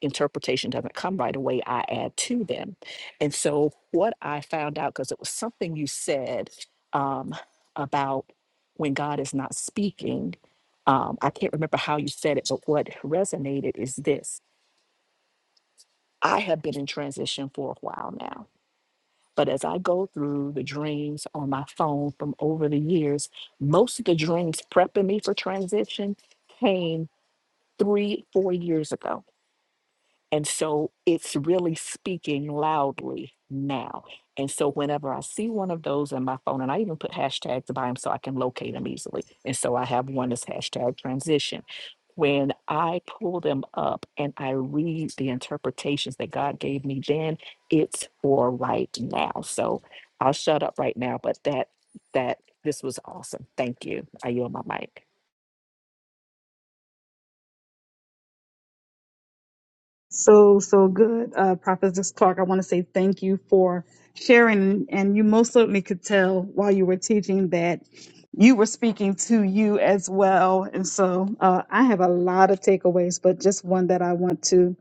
[SPEAKER 6] interpretation doesn't come right away, I add to them. And so what I found out, because it was something you said um, about when God is not speaking, um, I can't remember how you said it, but what resonated is this. I have been in transition for a while now. But as I go through the dreams on my phone from over the years, most of the dreams prepping me for transition came three, four years ago And so it's really speaking loudly now. And so whenever I see one of those on my phone, and I even put hashtags by them so I can locate them easily. And so I have one that's hashtag transition. When I pull them up and I read the interpretations that God gave me, then it's for right now. So I'll shut up right now. But that that this was awesome. Thank you. I yield my mic.
[SPEAKER 7] So, so good, uh, Prophetess Clark. I want to say thank you for sharing. And you most certainly could tell while you were teaching that you were speaking to you as well. And so uh, I have a lot of takeaways, but just one that I want to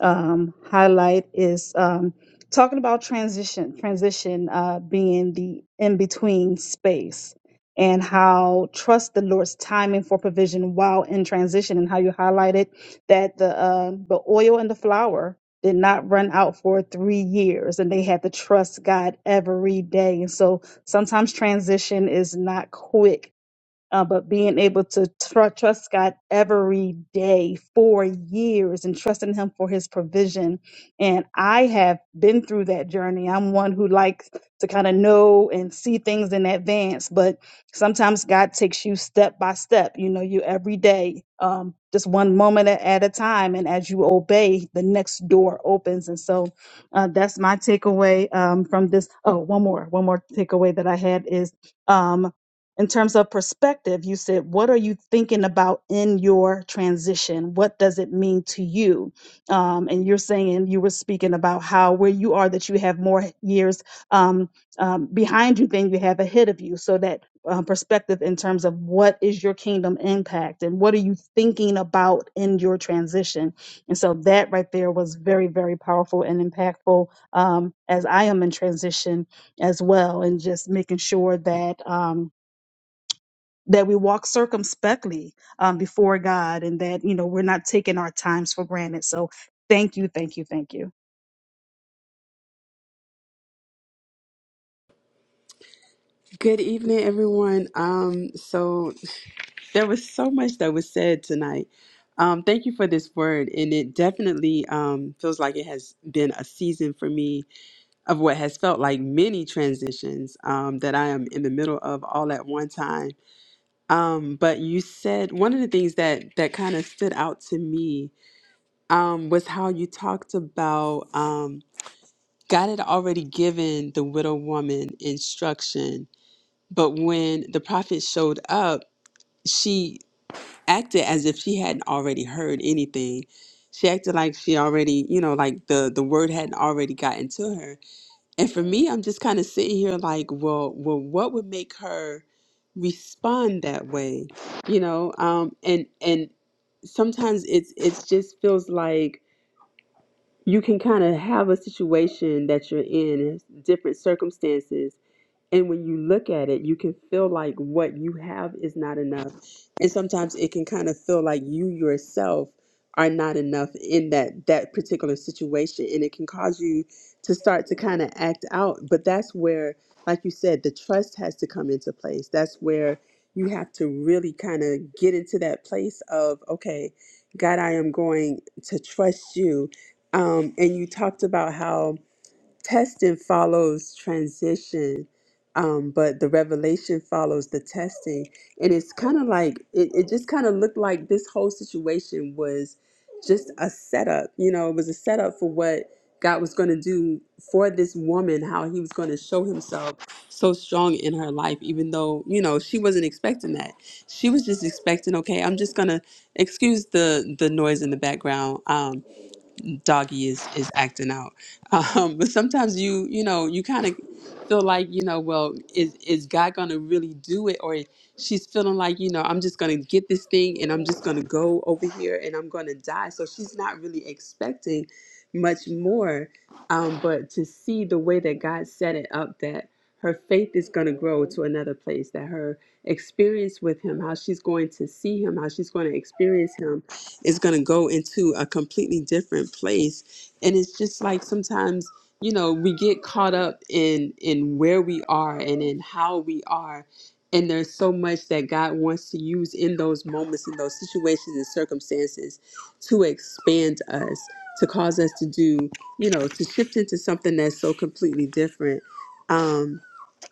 [SPEAKER 7] um, highlight is um, talking about transition, transition uh, being the in between space. And how trust the Lord's timing for provision while in transition, and how you highlighted that the um the oil and the flour did not run out for three years and they had to trust God every day. And so sometimes transition is not quick uh, but being able to tr- trust God every day for years and trusting Him for His provision. And I have been through that journey. I'm one who likes to kind of know and see things in advance, but sometimes God takes you step by step, you know, you every day, um, just one moment a- at a time. And as you obey, the next door opens. And so uh, that's my takeaway um, from this. Oh, one more, one more takeaway that I had is. Um, in terms of perspective, you said, what are you thinking about in your transition? What does it mean to you? Um, and you're saying you were speaking about how where you are that you have more years um, um, behind you than you have ahead of you. So that um, perspective in terms of what is your kingdom impact and what are you thinking about in your transition? And so that right there was very, very powerful and impactful um, as I am in transition as well, and just making sure that. Um, that we walk circumspectly um, before God and that, you know, we're not taking our times for granted. So thank you, thank you, thank you.
[SPEAKER 8] Good evening, everyone. Um, so there was so much that was said tonight. Um, thank you for this word, and it definitely um, feels like it has been a season for me of what has felt like many transitions um, that I am in the middle of all at one time. Um, but you said one of the things that that kind of stood out to me um, was how you talked about um, God had already given the widow woman instruction but when the prophet showed up she acted as if she hadn't already heard anything. She acted like she already, you know, like the the word hadn't already gotten to her. And for me, I'm just kind of sitting here like, well, well, what would make her respond that way, you know? Um, and and sometimes it's it's just feels like you can kind of have a situation that you're in, different circumstances, and when you look at it, you can feel like what you have is not enough. And sometimes it can kind of feel like you yourself are not enough in that that particular situation and it can cause you to start to kind of act out. But that's where like you said the trust has to come into place. That's where you have to really kind of get into that place of okay, God, I am going to trust you. Um, and you talked about how testing follows transition um, but the revelation follows the testing and it's kind of like it, it just kind of looked like this whole situation was just a setup you know it was a setup for what god was going to do for this woman how he was going to show himself so strong in her life even though you know she wasn't expecting that she was just expecting okay i'm just going to excuse the the noise in the background Um, doggy is is acting out. Um, but sometimes you you know you kind of feel like you know well is is God gonna really do it or she's feeling like you know I'm just gonna get this thing and I'm just gonna go over here and I'm gonna die. So she's not really expecting much more. Um, but to see the way that God set it up that her faith is going to grow to another place that her experience with him how she's going to see him how she's going to experience him is going to go into a completely different place and it's just like sometimes you know we get caught up in in where we are and in how we are and there's so much that God wants to use in those moments in those situations and circumstances to expand us to cause us to do you know to shift into something that's so completely different um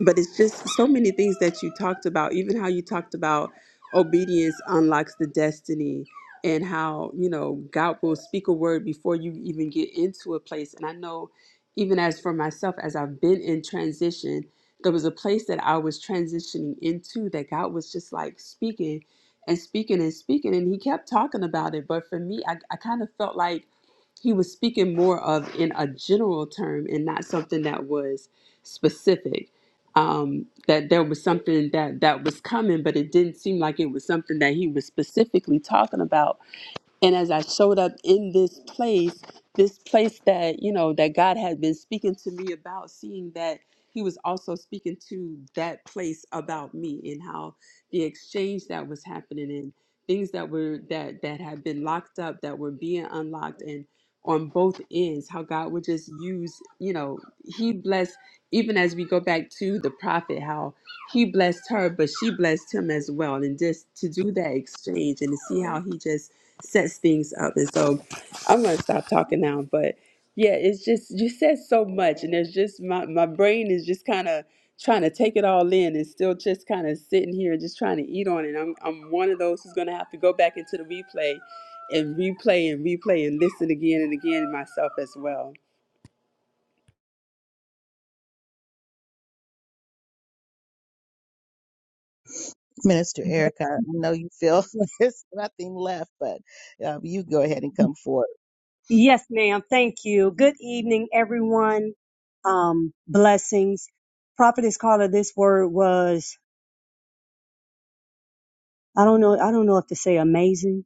[SPEAKER 8] but it's just so many things that you talked about even how you talked about obedience unlocks the destiny and how you know God will speak a word before you even get into a place. And I know, even as for myself, as I've been in transition, there was a place that I was transitioning into that God was just like speaking and speaking and speaking, and He kept talking about it. But for me, I, I kind of felt like He was speaking more of in a general term and not something that was specific. Um, that there was something that that was coming, but it didn't seem like it was something that he was specifically talking about and as I showed up in this place, this place that, you know, that God had been speaking to me about, seeing that He was also speaking to that place about me and how the exchange that was happening and things that were that that had been locked up that were being unlocked and on both ends, how God would just use, you know, He blessed even as we go back to the prophet, how he blessed her, but she blessed him as well. And just to do that exchange and to see how he just sets things up. And so I'm going to stop talking now. But yeah, it's just, you said so much. And there's just, my, my brain is just kind of trying to take it all in and still just kind of sitting here, just trying to eat on it. I'm, I'm one of those who's going to have to go back into the replay and replay and replay and listen again and again myself as well.
[SPEAKER 2] Minister Erica, I know you feel
[SPEAKER 9] Yes,
[SPEAKER 2] there's nothing left, but uh, you go ahead and come forward.
[SPEAKER 9] Yes, ma'am. Thank you. Good evening, everyone. Um, blessings. Prophetess Carla, this word was, I don't know, I don't know if to say amazing.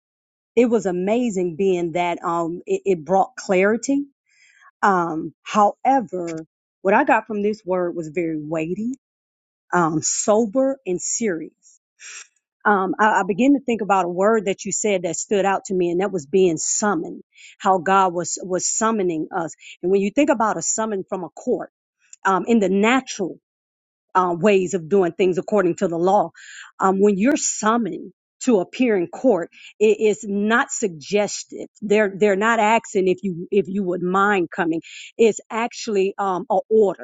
[SPEAKER 9] It was amazing being that, um, it, it brought clarity. Um, however, what I got from this word was very weighty, um, sober and serious. um, I, I began to think about a word that you said that stood out to me, and that was being summoned. How God was was summoning us, and when you think about a summon from a court, um, in the natural uh, ways of doing things according to the law, um, when you're summoned to appear in court, it is not suggested. They're they're not asking if you if you would mind coming. It's actually um, a order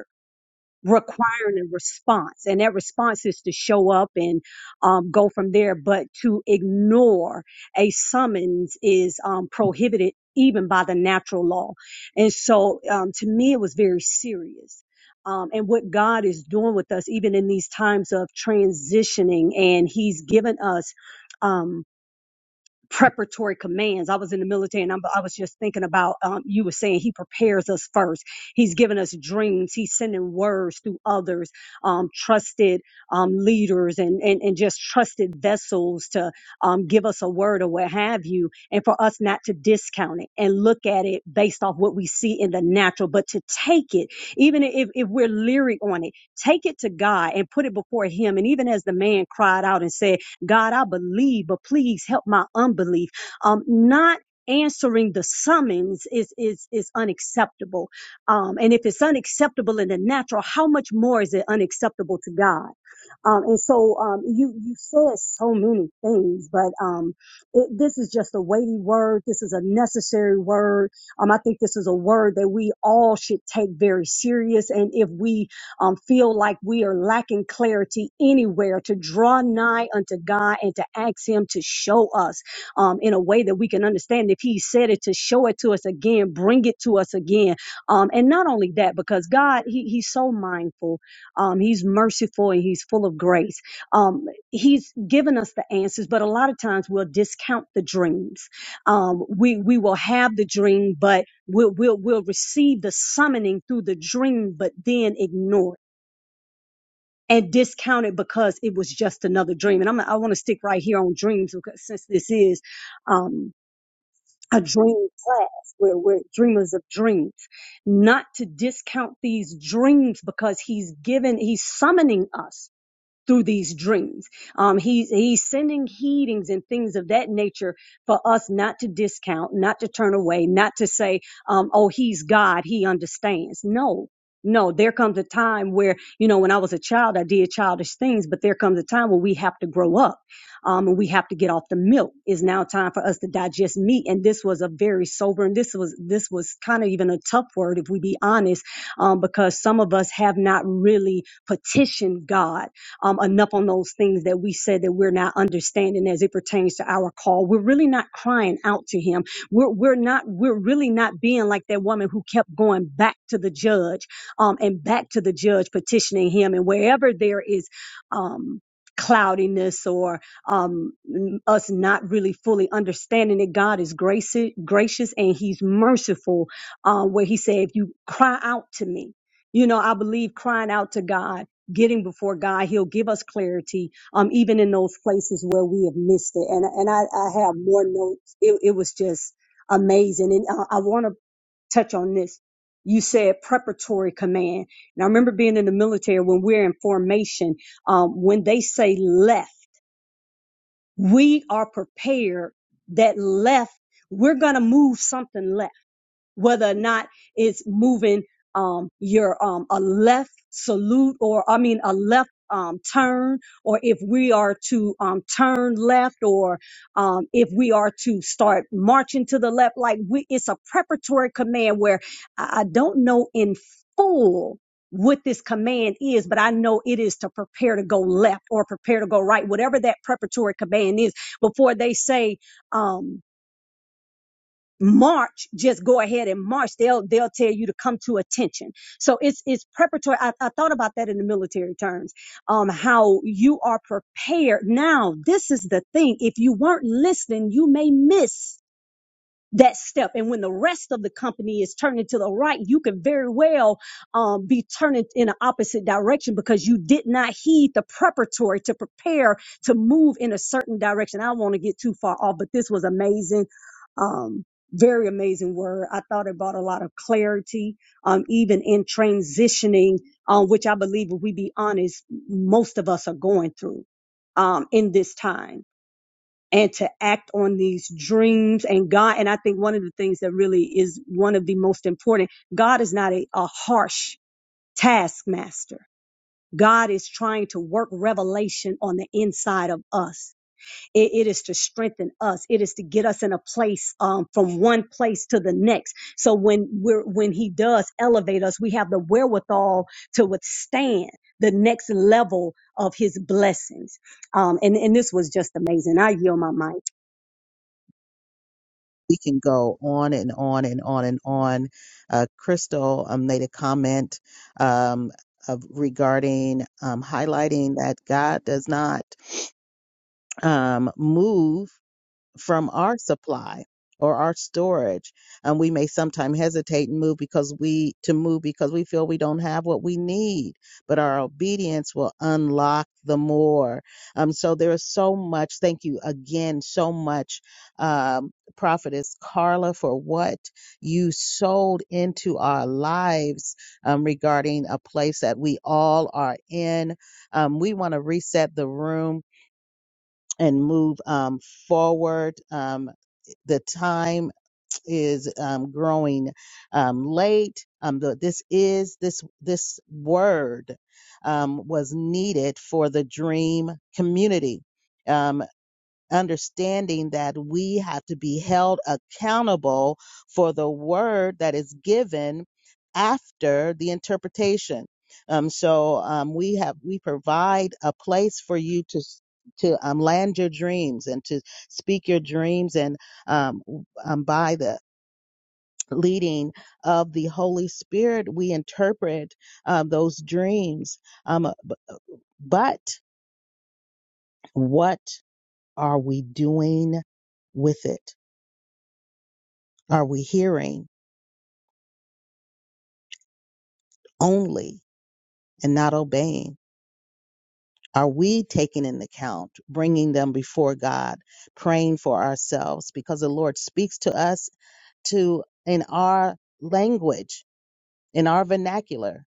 [SPEAKER 9] requiring a response and that response is to show up and um, go from there but to ignore a summons is um, prohibited even by the natural law and so um, to me it was very serious um, and what god is doing with us even in these times of transitioning and he's given us um, preparatory commands. I was in the military and I'm, I was just thinking about, um, you were saying he prepares us first. He's giving us dreams. He's sending words through others, um, trusted, um, leaders and, and, and just trusted vessels to, um, give us a word or what have you. And for us not to discount it and look at it based off what we see in the natural, but to take it, even if, if we're leery on it, take it to God and put it before him. And even as the man cried out and said, God, I believe, but please help my unbelief. Um, not answering the summons is is is unacceptable. Um, and if it's unacceptable in the natural, how much more is it unacceptable to God? Um, and so um, you you said so many things, but um, it, this is just a weighty word. This is a necessary word. Um, I think this is a word that we all should take very serious. And if we um, feel like we are lacking clarity anywhere, to draw nigh unto God and to ask Him to show us um, in a way that we can understand. If He said it, to show it to us again, bring it to us again. Um, and not only that, because God, he, He's so mindful, um, He's merciful, and He's full of grace. Um, he's given us the answers, but a lot of times we'll discount the dreams. Um, we we will have the dream, but will will will receive the summoning through the dream but then ignore it and discount it because it was just another dream and i'm i want to stick right here on dreams because since this is um a dream class where we're dreamers of dreams not to discount these dreams because he's given he's summoning us through these dreams. Um, he's he's sending heatings and things of that nature for us not to discount, not to turn away, not to say, um, "Oh, he's God, he understands." No. No, there comes a time where, you know, when I was a child, I did childish things, but there comes a time where we have to grow up um, and we have to get off the milk. It's now time for us to digest meat. And this was a very sober, and this was, this was kind of even a tough word, if we be honest, um, because some of us have not really petitioned God um, enough on those things that we said that we're not understanding as it pertains to our call. We're really not crying out to him. We're, we're not, we're really not being like that woman who kept going back to the judge, um, and back to the judge petitioning him. And wherever there is, um, cloudiness or um n- us not really fully understanding that God is grace gracious and he's merciful um where he said if you cry out to me you know I believe crying out to God getting before God. He'll give us clarity, um, even in those places where we have missed it. And and I, I have more notes. It, it was just amazing. And I, I want to touch on this. You said preparatory command, and I remember being in the military when we're in formation. Um, when they say left, we are prepared. That left, we're gonna move something left whether or not it's moving um, your um, a left salute or I mean a left um, turn, or if we are to um, turn left, or um, if we are to start marching to the left, like we, it's a preparatory command where I, I don't know in full what this command is, but I know it is to prepare to go left or prepare to go right, whatever that preparatory command is. Before they say, um, march just go ahead and march they'll they'll tell you to come to attention so it's it's preparatory i, I thought about that in the military terms um how you are prepared now this is the thing if you weren't listening you may miss that step. And when the rest of the company is turning to the right, you can very well um, be turning in an opposite direction because you did not heed the preparatory to prepare to move in a certain direction. I don't want to get too far off, but this was amazing. Um, very amazing word. I thought it brought a lot of clarity, um, even in transitioning, um, which I believe, if we be honest, most of us are going through um, in this time and to act on these dreams and God. And I think one of the things that really is one of the most important, God is not a, a harsh taskmaster. God is trying to work revelation on the inside of us. It, it is to strengthen us. It is to get us in a place, um, from one place to the next. So when we're, when he does elevate us, we have the wherewithal to withstand the next level of his blessings. Um, and, and this was just amazing. I yield my mic.
[SPEAKER 2] we can go on and on and on and on. Uh, Crystal um, made a comment um, of regarding um, highlighting that God does not um, move from our supply or our storage and we may sometimes hesitate and move because we to move because we feel we don't have what we need but our obedience will unlock the more um so there is so much thank you again so much um prophetess carla for what you sold into our lives um, regarding a place that we all are in um, we want to reset the room and move um, forward. Um, the time is um, growing um, late. Um, the, this is this this word um, was needed for the dream community. Um, understanding that we have to be held accountable for the word that is given after the interpretation. Um, so um, we have we provide a place for you to to um, land your dreams and to speak your dreams and um, um, by the leading of the Holy Spirit, we interpret um, those dreams. Um, uh, b- uh, but what are we doing with it? Are we hearing only and not obeying? Are we taking into account, bringing them before God, praying for ourselves? Because the Lord speaks to us to in our language, in our vernacular.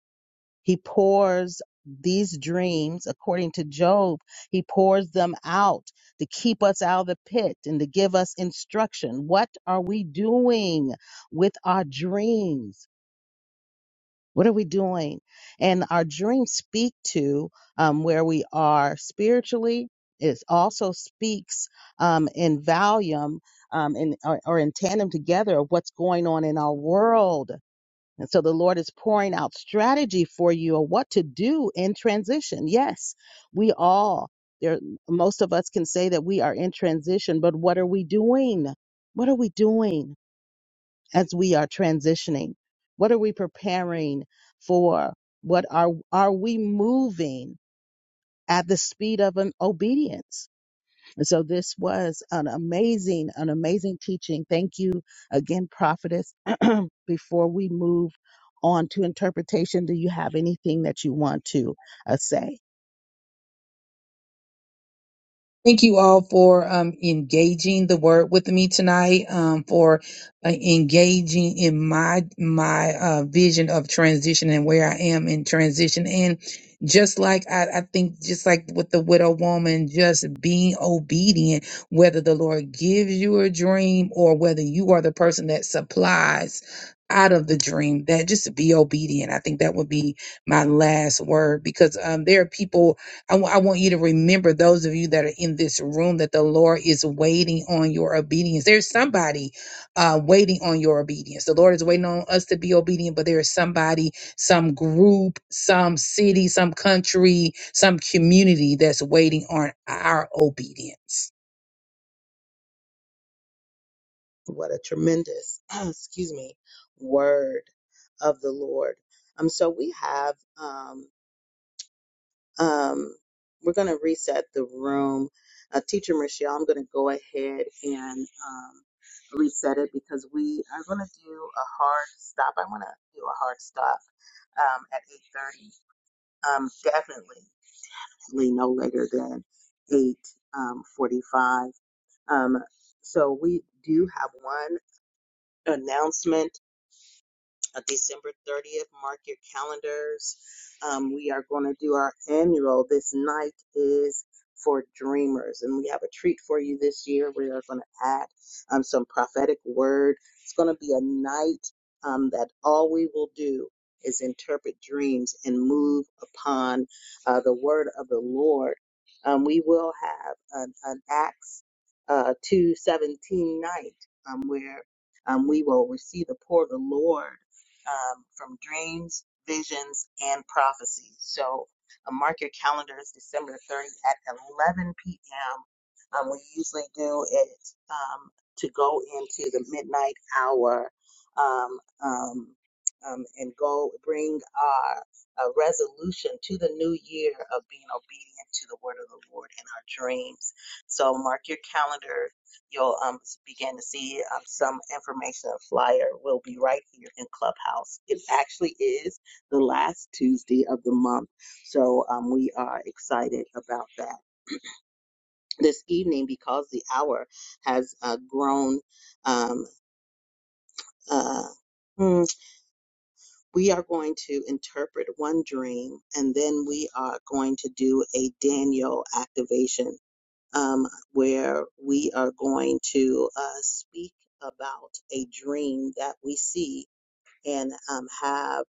[SPEAKER 2] He pours these dreams, according to Job, he pours them out to keep us out of the pit and to give us instruction. What are we doing with our dreams? What are we doing? And our dreams speak to um, where we are spiritually. It also speaks um, in volume um, in, or, or in tandem together of what's going on in our world. And so the Lord is pouring out strategy for you on what to do in transition. Yes, we all, there, most of us can say that we are in transition, but what are we doing? What are we doing? as we are transitioning? What are we preparing for? What are are we moving at the speed of an obedience? And so this was an amazing, an amazing teaching. Thank you again, prophetess. Before we move on to interpretation, do you have anything that you want to uh, say?
[SPEAKER 3] Thank you all for um, engaging the word with me tonight, um, for uh, engaging in my my uh, vision of transition and where I am in transition. And just like I, I think, just like with the widow woman, just being obedient, whether the Lord gives you a dream or whether you are the person that supplies out of the dream, that just be obedient. I think that would be my last word because um, there are people I w- I want you to remember those of you that are in this room that the Lord is waiting on your obedience. There's somebody uh, waiting on your obedience. The Lord is waiting on us to be obedient, but there is somebody, some group, some city, some country, some community that's waiting on our obedience.
[SPEAKER 2] What a tremendous, excuse me, word of the Lord. Um, so we have um. Um, we're going to reset the room. Uh, Teacher Michelle, I'm going to go ahead and um, reset it because we are going to do a hard stop. I want to do a hard stop um, at 8.30, um, definitely no later than 8.45. Um, Um, so we do have one announcement uh, December 30th. Mark your calendars. Um, we are going to do our annual. This night is for dreamers, and we have a treat for you this year. We are going to add um, some prophetic word. It's going to be a night um, that all we will do is interpret dreams and move upon uh, the word of the Lord. Um, we will have an, an Acts uh, 2.17 night um, where um, we will receive the pour of the Lord um, from dreams, visions, and prophecies. So uh, mark your calendars December 30th at 11 p.m. Um, we usually do it um, to go into the midnight hour um, um, um, and go bring our a resolution to the new year of being obedient to the word of the Lord in our dreams. So mark your calendars you'll um, begin to see um, some information A flyer will be right here in Clubhouse. It actually is the last Tuesday of the month, so um, we are excited about that. This evening, because the hour has uh, grown, um, uh, mm, we are going to interpret one dream and then we are going to do a Daniel activation um, where we are going to uh, speak about a dream that we see and um, have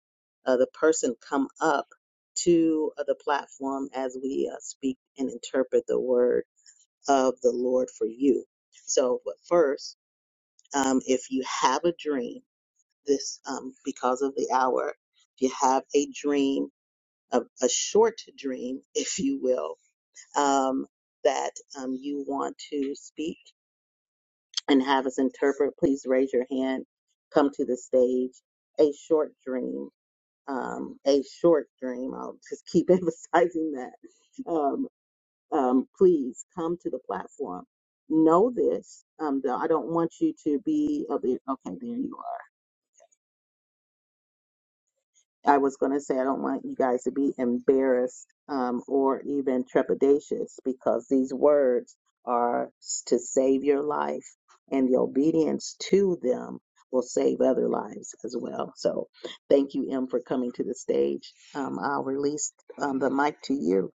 [SPEAKER 2] uh, the person come up to uh, the platform as we uh, speak and interpret the word of the Lord for you. So, but first, um, if you have a dream, this um, because of the hour, if you have a dream, a, a short dream, if you will, um, that um, you want to speak and have us interpret, please raise your hand, come to the stage. A short dream, um, a short dream. I'll just keep emphasizing that. Um, um, please come to the platform. Know this. Um, though I don't want you to be. Oh, there, okay, there you are. I was going to say, I don't want you guys to be embarrassed um, or even trepidatious because these words are s- to save your life, and the obedience to them will save other lives as well. So, thank you, M, for coming to the stage. Um, I'll release um, the mic to you.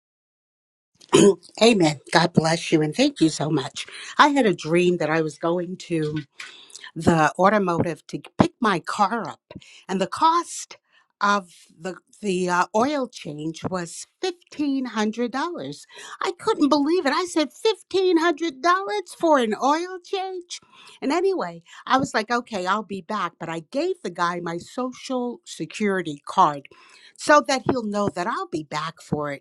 [SPEAKER 10] Amen. God bless you and thank you so much. I had a dream that I was going to the automotive to pick my car up, and the cost of the the uh, oil change was fifteen hundred dollars. I couldn't believe it. I said fifteen hundred dollars for an oil change, and anyway, I was like, okay, I'll be back. But I gave the guy my social security card so that he'll know that I'll be back for it.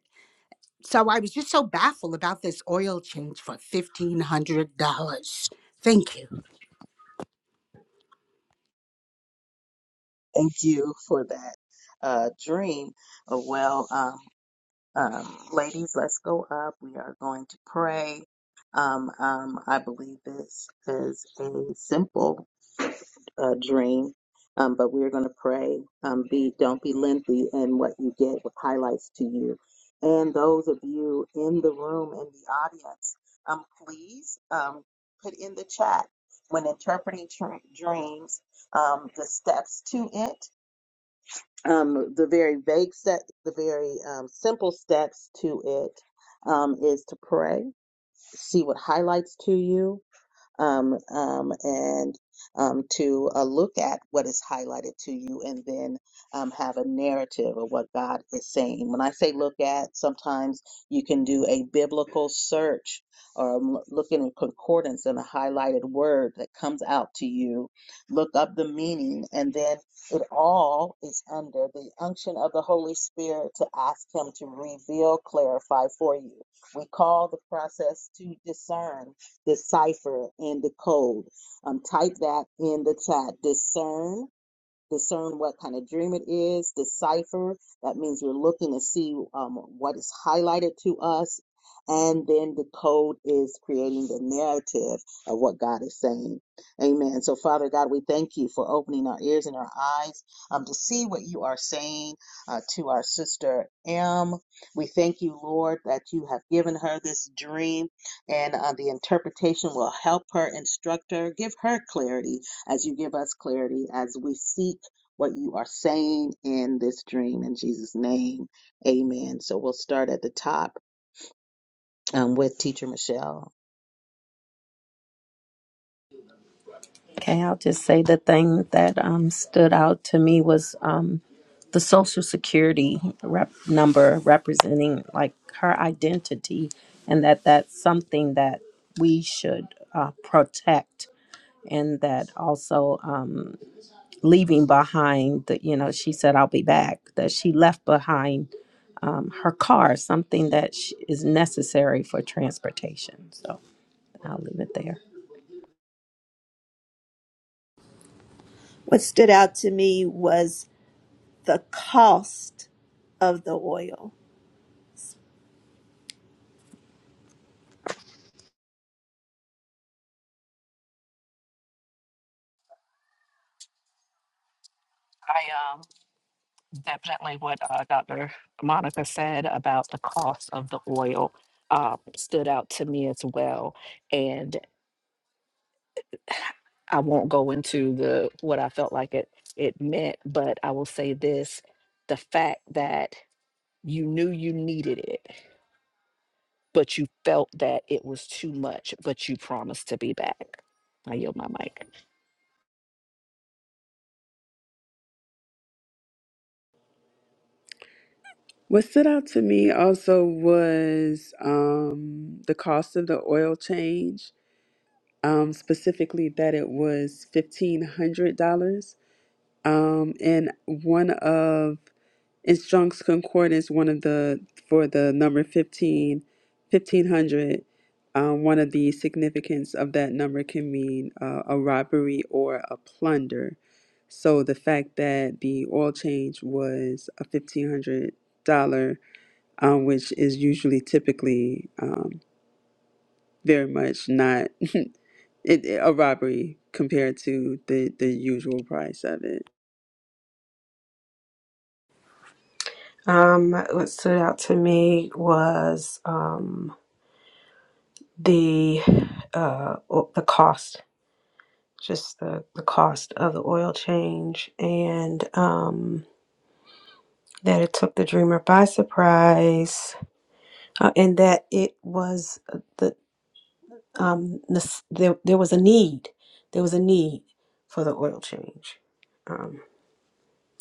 [SPEAKER 10] So I was just so baffled about this oil change for $1,500. Thank you.
[SPEAKER 2] Thank you for that uh, dream. Uh, Well, um, Um, ladies, let's go up. We are going to pray. Um, um, I believe this is a simple uh, dream, um, but we're going to pray. Um, be don't be lengthy in what you get with highlights to you, and those of you in the room in the audience. Um, please um, put in the chat when interpreting tr- dreams um, the steps to it um, the very vague set, the very um, simple steps to it um, is to pray, see what highlights to you, um, um, and um, to uh, look at what is highlighted to you and then um, have a narrative of what God is saying. When I say look at, sometimes you can do a biblical search or l- look in a concordance and a highlighted word that comes out to you. Look up the meaning, and then it all is under the unction of the Holy Spirit to ask Him to reveal, clarify for you. We call the process to discern decipher, and decode. Um, type that in the chat. Discern, discern what kind of dream it is, decipher. That means we're looking to see um, what is highlighted to us. And then the code is creating the narrative of what God is saying. Amen. So, Father God, we thank you for opening our ears and our eyes um, to see what you are saying uh, to our sister M. We thank you, Lord, that you have given her this dream and uh, the interpretation will help her, instruct her, give her clarity as you give us clarity, as we seek what you are saying in this dream. In Jesus' name, amen. So we'll start at the top um, with Teacher Michelle.
[SPEAKER 1] Okay, I'll just say the thing that um, stood out to me was um, the Social Security rep- number representing like her identity, and that that's something that we should uh, protect, and that also um, leaving behind that you know she said I'll be back that she left behind um, her car, something that sh- is necessary for transportation. So I'll leave it there.
[SPEAKER 4] What stood out to me was the cost of the oil.
[SPEAKER 6] definitely what uh, Dr. Monica said about the cost of the oil uh, stood out to me as well. And I won't go into the what I felt like it it meant, but I will say this: the fact that you knew you needed it, but you felt that it was too much, but you promised to be back. I yield my mic.
[SPEAKER 8] What stood out to me also was um, the cost of the oil change, um, specifically that it was $1,500. Um, and one of, in Strong's Concordance, one of the, for the number 15, fifteen hundred. um, one of the significance of that number can mean uh, a robbery or a plunder. So the fact that the oil change was a $1,500 um, which is usually typically um, very much not it, it- a robbery compared to the, the usual price of it.
[SPEAKER 5] Um, what stood out to me was um, the uh, o- the cost, just the, the cost of the oil change, and um, that it took the dreamer by surprise, uh, and that it was uh, the um, nes- there, there was a need, there was a need for the oil change. Um,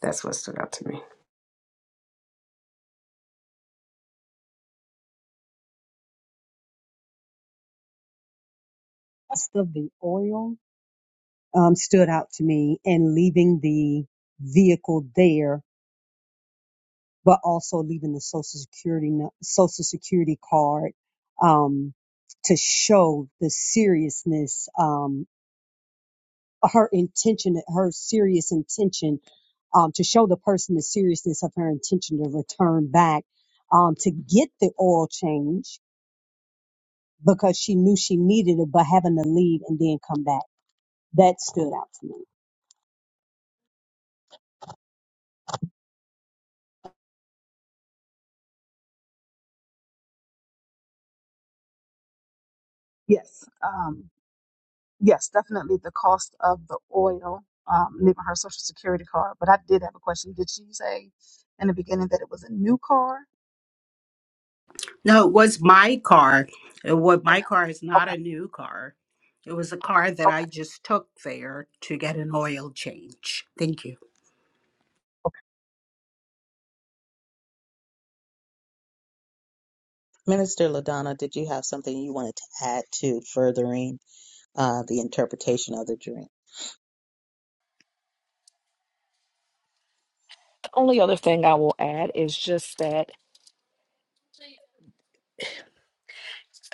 [SPEAKER 5] that's what stood out to me.
[SPEAKER 9] cost of the oil um, stood out to me and leaving the vehicle there, but also leaving the social security nu- social security card um, to show the seriousness, um, her intention, her serious intention um, to show the person the seriousness of her intention to return back um, to get the oil change because she knew she needed it, but having to leave and then come back that stood out to me.
[SPEAKER 7] Yes, um, yes, definitely the cost of the oil, um, leaving her social security card. But I did have a question. Did she say in the beginning that it was a new car?
[SPEAKER 10] No, it was my car. It was, my car is not
[SPEAKER 7] Okay,
[SPEAKER 10] a new car. It was a car that I just took there to get an oil change. Thank you.
[SPEAKER 2] Minister LaDonna, did you have something you wanted to add to furthering uh, the interpretation of the dream?
[SPEAKER 6] The only other thing I will add is just that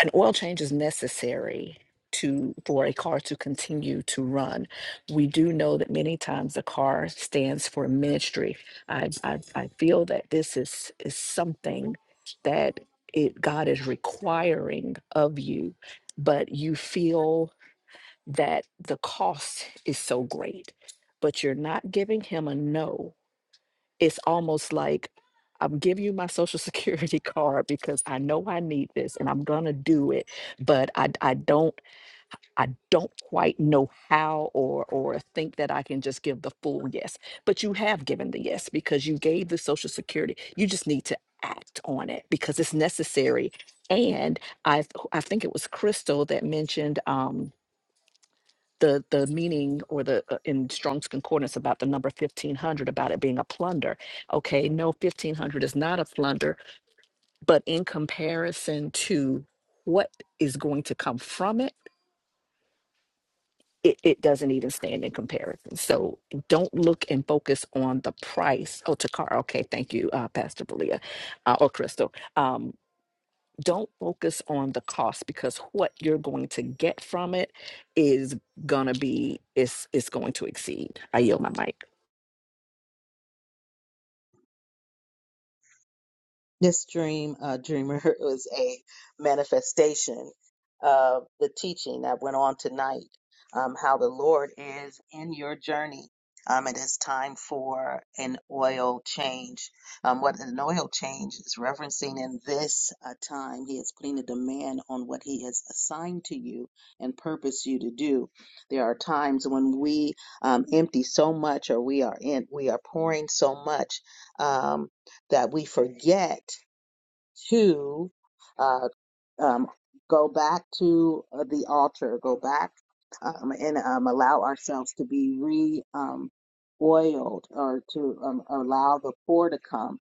[SPEAKER 6] an oil change is necessary to for a car to continue to run. We do know that many times the car stands for ministry. I I, I feel that this is is something that it God is requiring of you, but you feel that the cost is so great, but you're not giving him a no it's almost like I'm giving you my social security card because I know I need this and I'm gonna do it, but I I don't I don't quite know how or or think that I can just give the full yes. But you have given the yes because you gave the social security. You just need to act on it because it's necessary. And I th- I think it was Crystal that mentioned um the the meaning or the uh, in Strong's concordance about the number 1500 about it being a plunder. Okay, no 1500 is not a plunder, but in comparison to what is going to come from it, it, it doesn't even stand in comparison. So don't look and focus on the price. Oh, Takara, okay, thank you, uh, Pastor Belia uh, or Crystal. Um, don't focus on the cost because what you're going to get from it is gonna be is is going to exceed. I yield my mic.
[SPEAKER 2] This dream, uh, dreamer, was a manifestation of the teaching that went on tonight. Um, how the Lord is in your journey. Um, it is time for an oil change. Um, what an oil change is referencing in this uh, time, He is putting a demand on what He has assigned to you and purpose you to do. There are times when we um, empty so much, or we are in, we are pouring so much um, that we forget to uh, um, go back to uh, the altar, go back um, and um, allow ourselves to be re um, oiled or to um, allow the pour to come.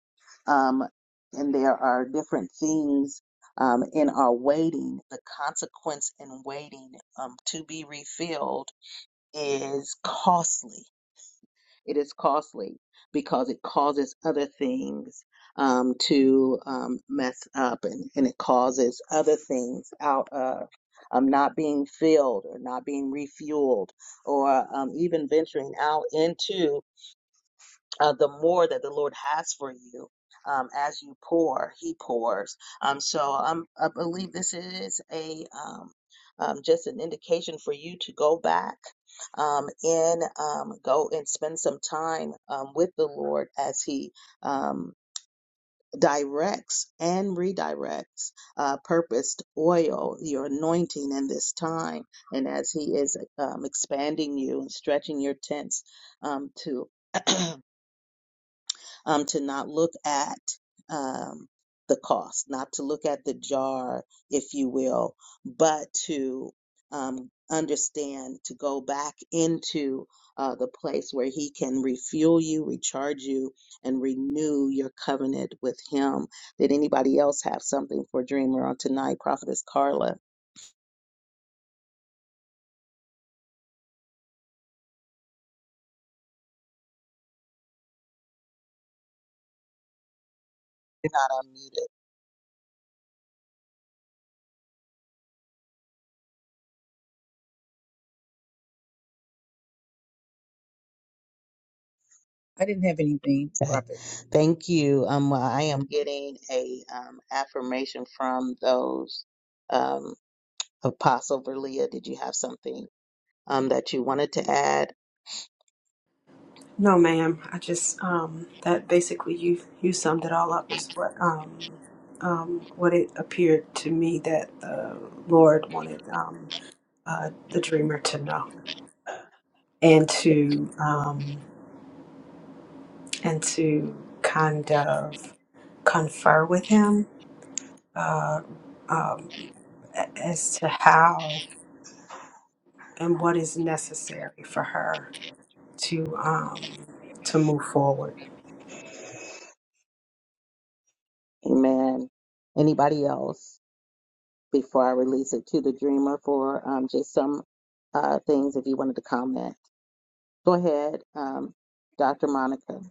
[SPEAKER 2] Um, and there are different things um, in our waiting. The consequence in waiting um, to be refilled is costly it is costly because it causes other things um, to um, mess up and, and it causes other things out of um, not being filled or not being refueled or um, even venturing out into uh, the more that the Lord has for you. Um, as you pour, He pours. Um, so I'm, I believe this is a um, um, just an indication for you to go back um, and um, go and spend some time um, with the Lord as He um, directs and redirects uh, purposed oil, your anointing in this time, and as He is um, expanding you and stretching your tents um, to um, to not look at um, the cost, not to look at the jar, if you will, but to um, understand, to go back into uh, the place where He can refuel you, recharge you, and renew your covenant with Him. Did anybody else have something for Dreamer on tonight? Prophetess Carla, I'm muted.
[SPEAKER 3] I didn't have anything,
[SPEAKER 2] Okay.
[SPEAKER 3] Prophet.
[SPEAKER 2] Thank you. Um, well, I am getting a um, affirmation from those. Um, Apostle Verlia, did you have something um, that you wanted to add?
[SPEAKER 5] No, ma'am. I just um, that basically you you summed it all up is what um, um, what it appeared to me that the Lord wanted. Um, uh, the dreamer to know and to um, and to kind of confer with him uh, um, a- as to how and what is necessary for her to um, to move forward.
[SPEAKER 2] Amen. Anybody else before I release it to the dreamer for um, just some uh, things if you wanted to comment? Go ahead, um, Dr. Monica.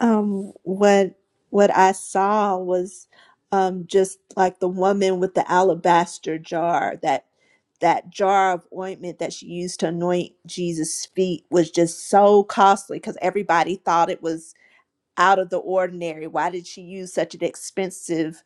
[SPEAKER 4] Um, what what I saw was um just like the woman with the alabaster jar that that jar of ointment that she used to anoint Jesus' feet was just so costly because everybody thought it was out of the ordinary. Why did she use such an expensive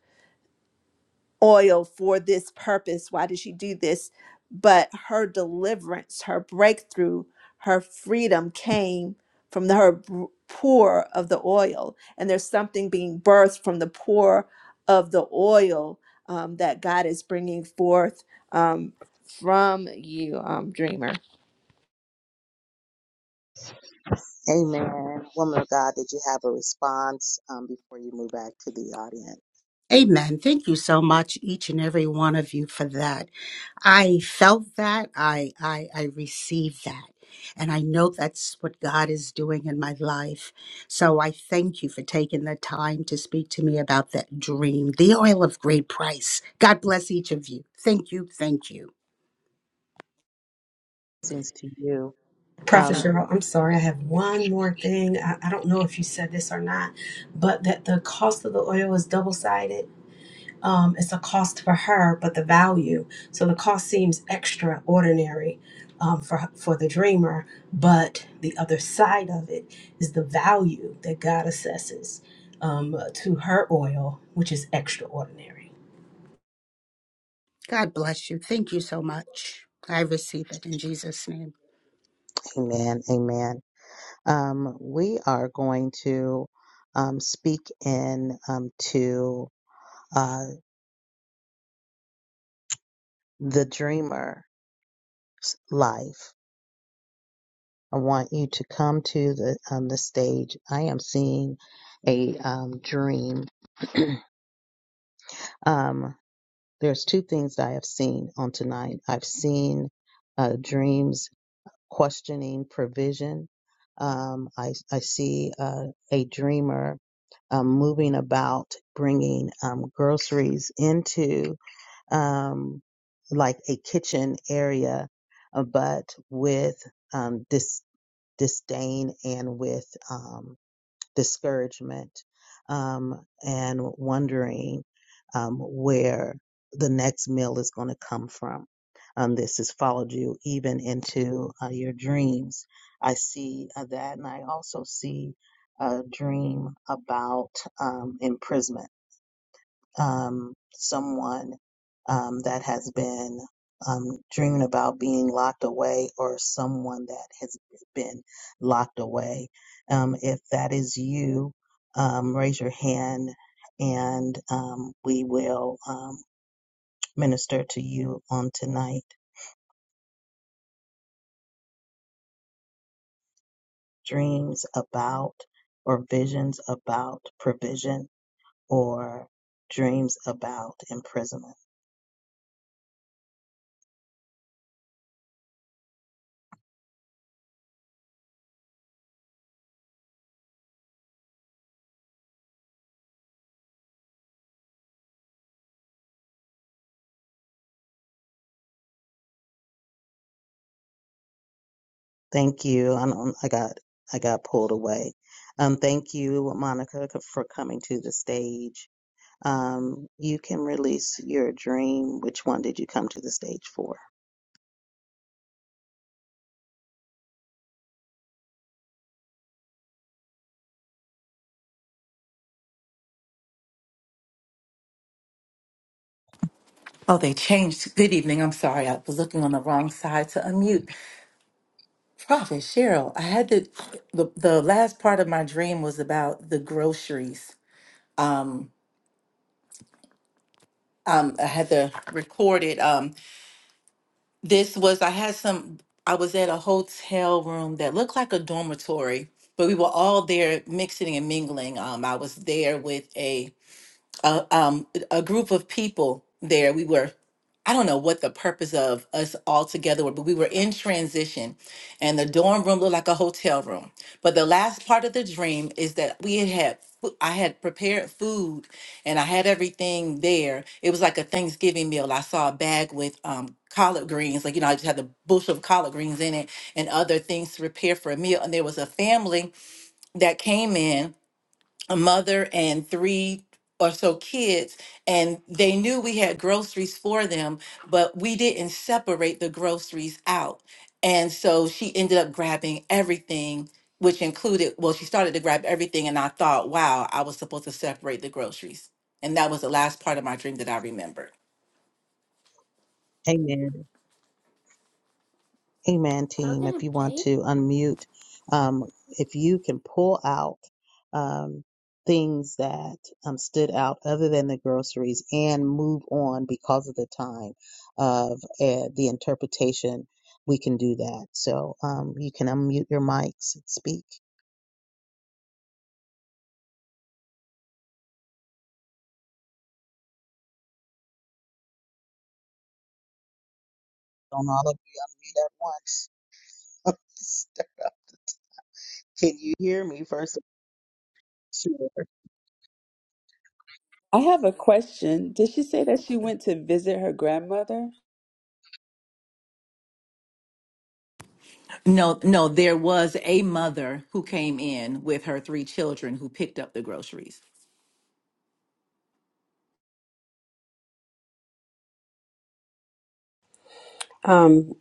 [SPEAKER 4] oil for this purpose. Why did she do this? But her deliverance, her breakthrough, her freedom came from the, her br- pour of the oil. And there's something being birthed from the pour of the oil um, that God is bringing forth um, from you, um, dreamer.
[SPEAKER 2] Amen. Woman of God, did you have a response um, before you move back to the audience?
[SPEAKER 10] Amen. Thank you so much, each and every one of you, for that. I felt that. I, I, I received that. And I know that's what God is doing in my life. So I thank you for taking the time to speak to me about that dream, the oil of great price. God bless each of you. Thank you. Thank you.
[SPEAKER 2] Seems to you.
[SPEAKER 5] Prophet
[SPEAKER 2] Um,
[SPEAKER 5] Cheryl, I'm sorry, I have one more thing. I, I don't know if you said this or not, but that the cost of the oil is double sided. um, it's a cost for her, but the value. So the cost seems extraordinary um, for for the dreamer, but the other side of it is the value that God assesses um, to her oil, which is extraordinary.
[SPEAKER 10] God bless you. Thank you so much. I receive it in Jesus' name.
[SPEAKER 2] amen. Amen. Um, we are going to um, speak in um, to. uh, the dreamer's life. I want you to come to the um, the stage. I am seeing a um, dream. um, there's two things that I have seen on tonight. I've seen uh, dreams questioning provision. Um, I I see uh, a dreamer um, moving about, bringing um, groceries into um, like a kitchen area, uh, but with um, dis- disdain and with um, discouragement um, and wondering um, where the next meal is going to come from. Um, this has followed you even into uh, your dreams. I see uh, that, and I also see a dream about um, imprisonment um, someone um, that has been um, dreaming about being locked away or someone that has been locked away. Um, if that is you, um, raise your hand and um, we will um, minister to you on tonight. Dreams about or visions about provision or dreams about imprisonment. Thank you. I don't, I got I got pulled away. Um, thank you, Monica, c- for coming to the stage. Um, you can release your dream. Which one did you come to the stage for?
[SPEAKER 11] Oh, they changed. Good evening. I'm sorry. I was looking on the wrong side to unmute. Prophet Cheryl, I had to, the, the last part of my dream was about the groceries. Um, I had to record it. Um, this was, I had some, I was at a hotel room that looked like a dormitory, but we were all there mixing and mingling. Um, I was there with a a, um, a group of people there. We were, I don't know what the purpose of us all together were, but we were in transition and the dorm room looked like a hotel room. But the last part of the dream is that we had, had fo- I had prepared food and I had everything there. It was like a Thanksgiving meal. I saw a bag with um, collard greens, like, you know, I just had the bush of collard greens in it and other things to prepare for a meal. And there was a family that came in a mother and three or so kids and they knew we had groceries for them but we didn't separate the groceries out and so she ended up grabbing everything which included well she started to grab everything and i thought wow i was supposed to separate the groceries and that was the last part of my dream that i remembered
[SPEAKER 2] Amen. Amen, team. If you want to unmute, um, if you can pull out um, things that um, stood out other than the groceries and move on because of the time of uh, the interpretation, we can do that. So um, you can unmute your mics and speak. Don't all agree at once. can you hear me first? Sure.
[SPEAKER 8] I have a question. Did she say that she went to visit her grandmother?
[SPEAKER 11] no no there was a mother who came in with her three children who picked up the groceries
[SPEAKER 5] Um,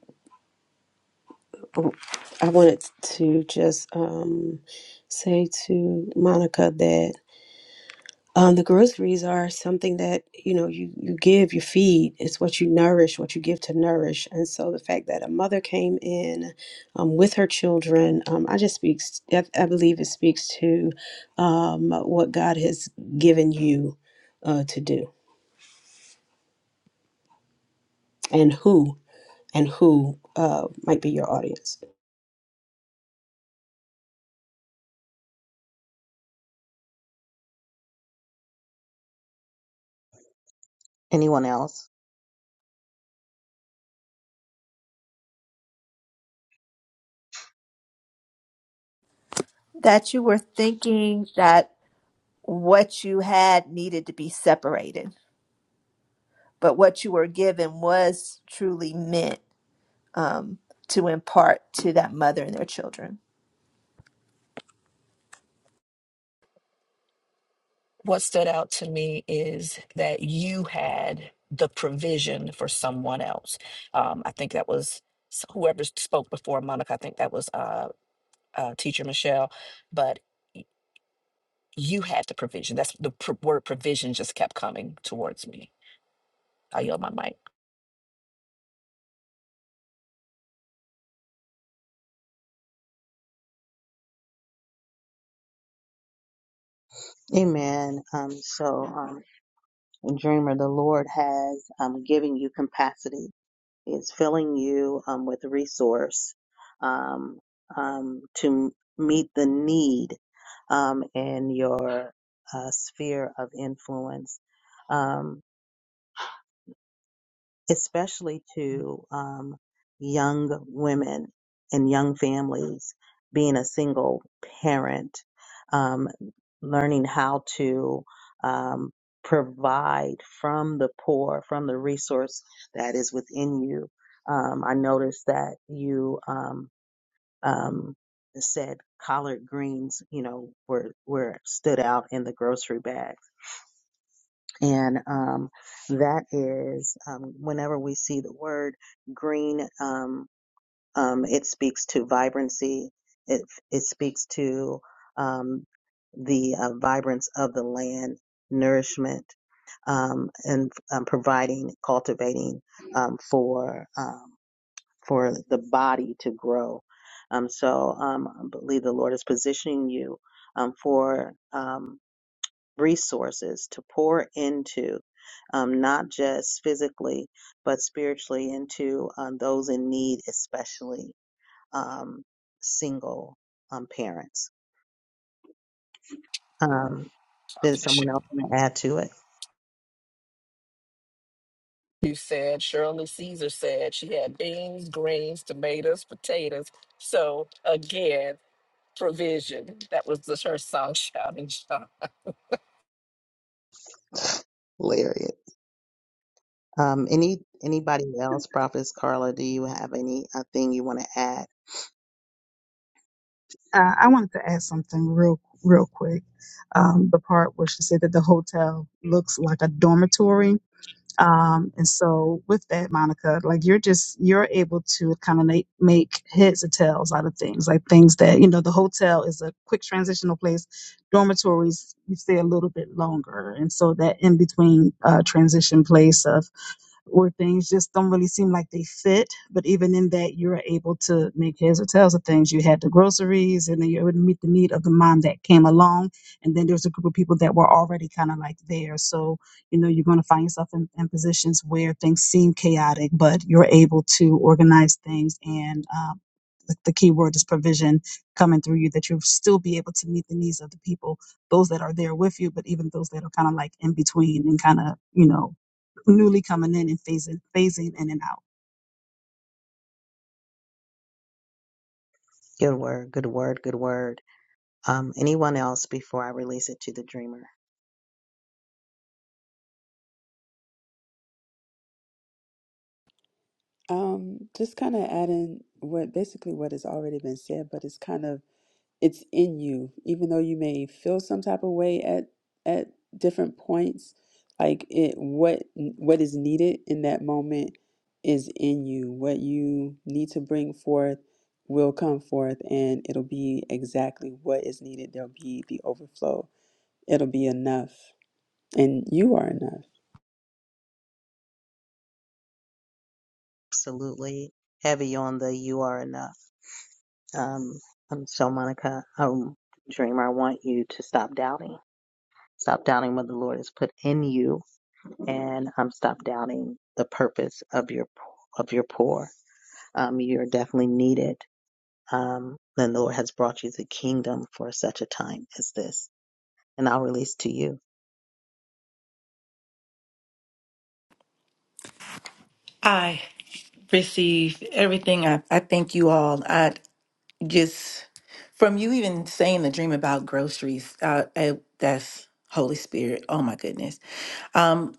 [SPEAKER 5] I wanted to just um, say to Monica that. Um, the groceries are something that you know you you give, you feed. It's what you nourish, what you give to nourish. And so the fact that a mother came in um, with her children, um, I just speaks. I, I believe it speaks to um, what God has given you uh, to do, and who and who uh, might be your audience.
[SPEAKER 2] Anyone else?
[SPEAKER 4] That you were thinking that what you had needed to be separated, but what you were given was truly meant um, to impart to that mother and their children.
[SPEAKER 6] What stood out to me is that you had the provision for someone else. Um, I think that was s- whoever spoke before Monica. I think that was uh, uh, Teacher Michelle, but y- you had the provision. That's the pr- word provision just kept coming towards me. I yield my mic.
[SPEAKER 2] Amen. Um, so um, Dreamer, the Lord has um, given you capacity. He is filling you um, with resource um, um, to m- meet the need um, in your uh, sphere of influence. Um, especially to um, young women and young families, being a single parent, um, learning how to um, provide from the poor, from the resource that is within you. Um, I noticed that you um, um, said collard greens, you know, were were stood out in the grocery bag and um, that is um, whenever we see the word green, um, um, it speaks to vibrancy. It it speaks to um, the uh, vibrance of the land, nourishment, um, and um, providing, cultivating um, for um, for the body to grow. Um, so um, I believe the Lord is positioning you um, for. Um, resources to pour into, um, not just physically, but spiritually into um, those in need, especially um, single um, parents. Um, did someone else want to add to
[SPEAKER 6] You said Shirley Caesar said she had beans, greens, tomatoes, potatoes. So again, provision. That was the her song shouting
[SPEAKER 2] it? Lariat. Um, any anybody else, Prophetess Carla? Do you have any uh, thing you want to add?
[SPEAKER 7] Uh, I wanted to add something real, real quick. Um, the part where she said that the hotel looks like a dormitory. Um, and so with that, Monica, like you're just, you're able to kind of make, make heads or tails out of things, like things that, you know, the hotel is a quick transitional place. Dormitories, you stay a little bit longer. And so that in between, uh, transition place of where things just don't really seem like they fit. But even in that, you're able to make heads or tails of things. You had the groceries, and then you were able to meet the need of the mom that came along. And then there was a group of people that were already kind of like there. So, you know, you're going to find yourself in, in positions where things seem chaotic, but you're able to organize things and, um, the the key word is provision coming through you that you'll still be able to meet the needs of the people, those that are there with you, but even those that are kind of like in between and kind of, you know, newly coming in and phasing phasing in and out.
[SPEAKER 2] Good word, good word, good word. Um, anyone else before I release it to the dreamer?
[SPEAKER 8] Um, just kind of adding what basically what has already been said, but it's kind of it's in you even though you may feel some type of way at at different points like it what what is needed in that moment is in you what you need to bring forth will come forth and it'll be exactly what is needed there'll be the overflow it'll be enough and you are enough
[SPEAKER 2] Absolutely heavy on the you are enough. Um, um, so, Monica, um, Dreamer, I want you to stop doubting. Stop doubting what the Lord has put in you, and um, stop doubting the purpose of your of your poor. Um, you're definitely needed. Um, the Lord has brought you to the kingdom for such a time as this, and I'll release to you.
[SPEAKER 11] I received everything. I, I thank you all. just from you even saying the dream about groceries uh, uh, that's holy spirit oh my goodness um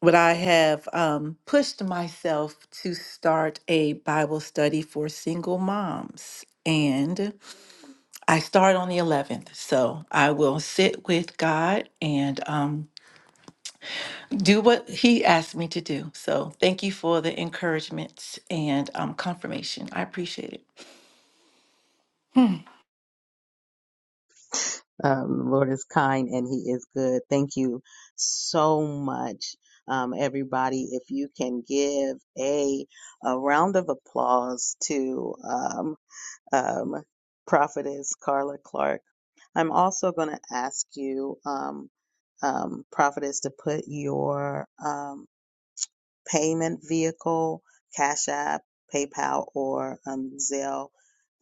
[SPEAKER 11] but i have um pushed myself to start a bible study for single moms and i start on the 11th so i will sit with god and um do what he asked me to do so thank you for the encouragement and um confirmation i appreciate it
[SPEAKER 2] Um, the Lord is kind and He is good. Thank you so much, um, everybody. If you can give a a round of applause to. Um, um, Prophetess Carla Clark. I'm also going to ask you, um, um, Prophetess, to put your um, payment vehicle, Cash App, PayPal, or um, Zelle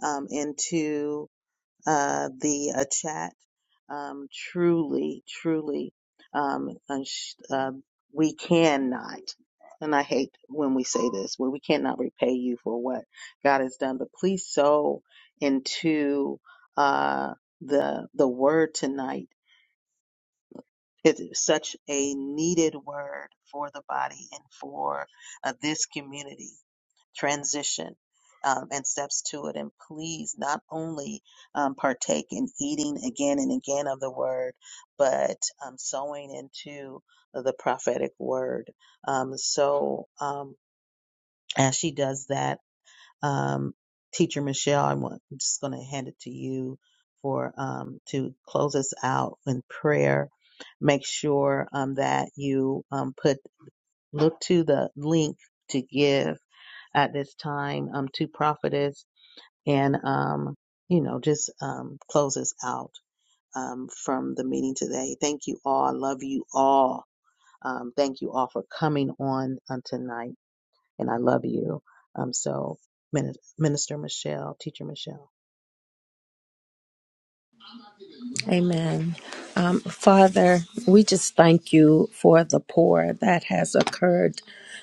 [SPEAKER 2] um, into uh, the uh, chat. Um, truly, truly, um, and sh- uh, we cannot, and I hate when we say this, well, we cannot repay you for what God has done, but please sow into uh, the the word tonight. It is such a needed word for the body and for uh, this community transition um, and steps to it. And please not only um, partake in eating again and again of the word, but um, sowing into the prophetic word. Um, so um, as she does that, um, Teacher Michelle, I'm, wa- I'm just going to hand it to you for um, to close us out in prayer. Make sure um, that you um, put look to the link to give at this time um, to prophetess and, um, you know, just um, close us out um, from the meeting today. Thank you all. I love you all. Um, thank you all for coming on, on tonight. And I love you. Um, so, Minister Michelle, Teacher Michelle.
[SPEAKER 1] Amen. Um, Father, we just thank you for the pour that has occurred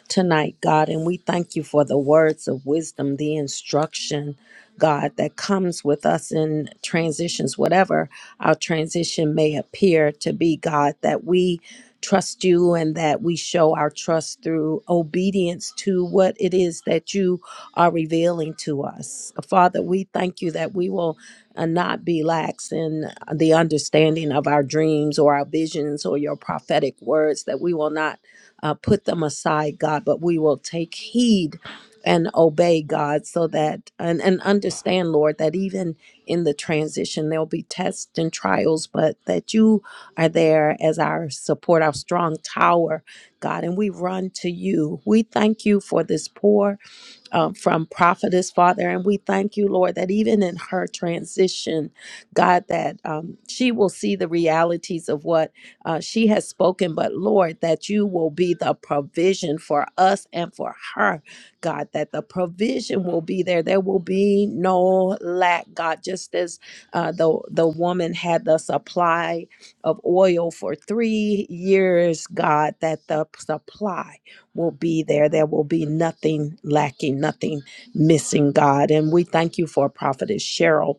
[SPEAKER 1] tonight, God, and we thank you for the words of wisdom, the instruction, God, that comes with us in transitions, whatever our transition may appear to be, God, that we trust you and that we show our trust through obedience to what it is that you are revealing to us. Father, we thank you that we will and not be lax in the understanding of our dreams or our visions or your prophetic words, that we will not uh, put them aside, God, but we will take heed and obey God so that, and, and understand, Lord, that even in the transition, there'll be tests and trials, but that you are there as our support, our strong tower, God, and we run to you. We thank you for this pour um, from prophetess father and we thank you lord that even in her transition god that um, she will see the realities of what uh, she has spoken but lord that you will be the provision for us and for her god that the provision will be there there will be no lack god just as uh, the, the woman had the supply of oil for three years god that the supply will be there. There will be nothing lacking, nothing missing, God. And we thank you for Prophetess Cheryl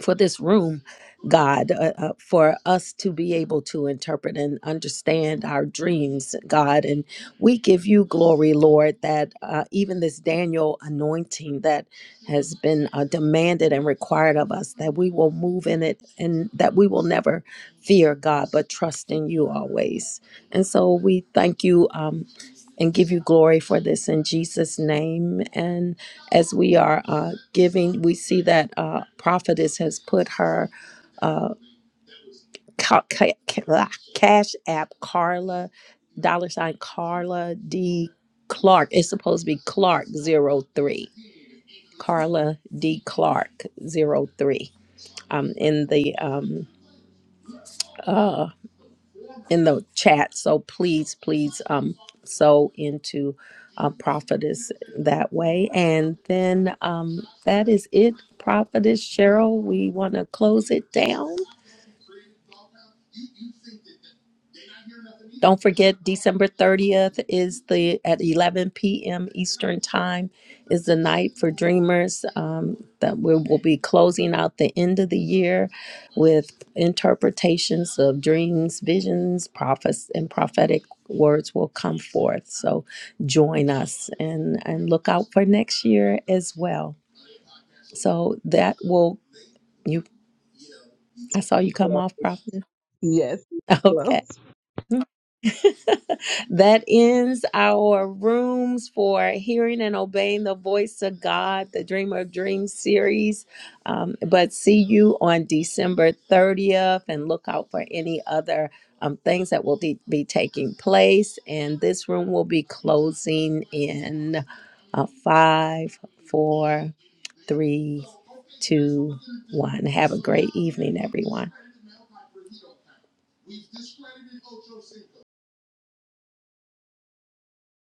[SPEAKER 1] for this room, God, uh, uh, for us to be able to interpret and understand our dreams, God. And we give you glory, Lord, that uh, even this Daniel anointing that has been uh, demanded and required of us, that we will move in it and that we will never fear, God, but trust in you always. And so we thank you um, and give you glory for this in Jesus' name as we are uh, giving, we see that uh, prophetess has put her uh, ca- ca- ca- ah, cash app Carla dollar sign Carla D Clark. It's supposed to be Clark zero three Carla D Clark zero 03. Um, in the um, in the chat. So please, please um sow into uh, prophetess that way. And then um that is it, prophetess Cheryl. We want to close it down. Don't forget, December 30th is the at 11 p.m. Eastern Time is the night for dreamers. Um, that we will be closing out the end of the year with interpretations of dreams, visions, prophets, and prophetic words will come forth. So join us and and look out for next year as well. So that will you. I saw you come off, prophet.
[SPEAKER 2] Yes.
[SPEAKER 1] Okay.
[SPEAKER 2] Close.
[SPEAKER 1] That ends our rooms for hearing and obeying the voice of God, the Dreamer of Dreams series. Um, but see you on December 30th and look out for any other um, things that will be be taking place. And this room will be closing in uh, five, four, three, two, one. Have a great evening, everyone.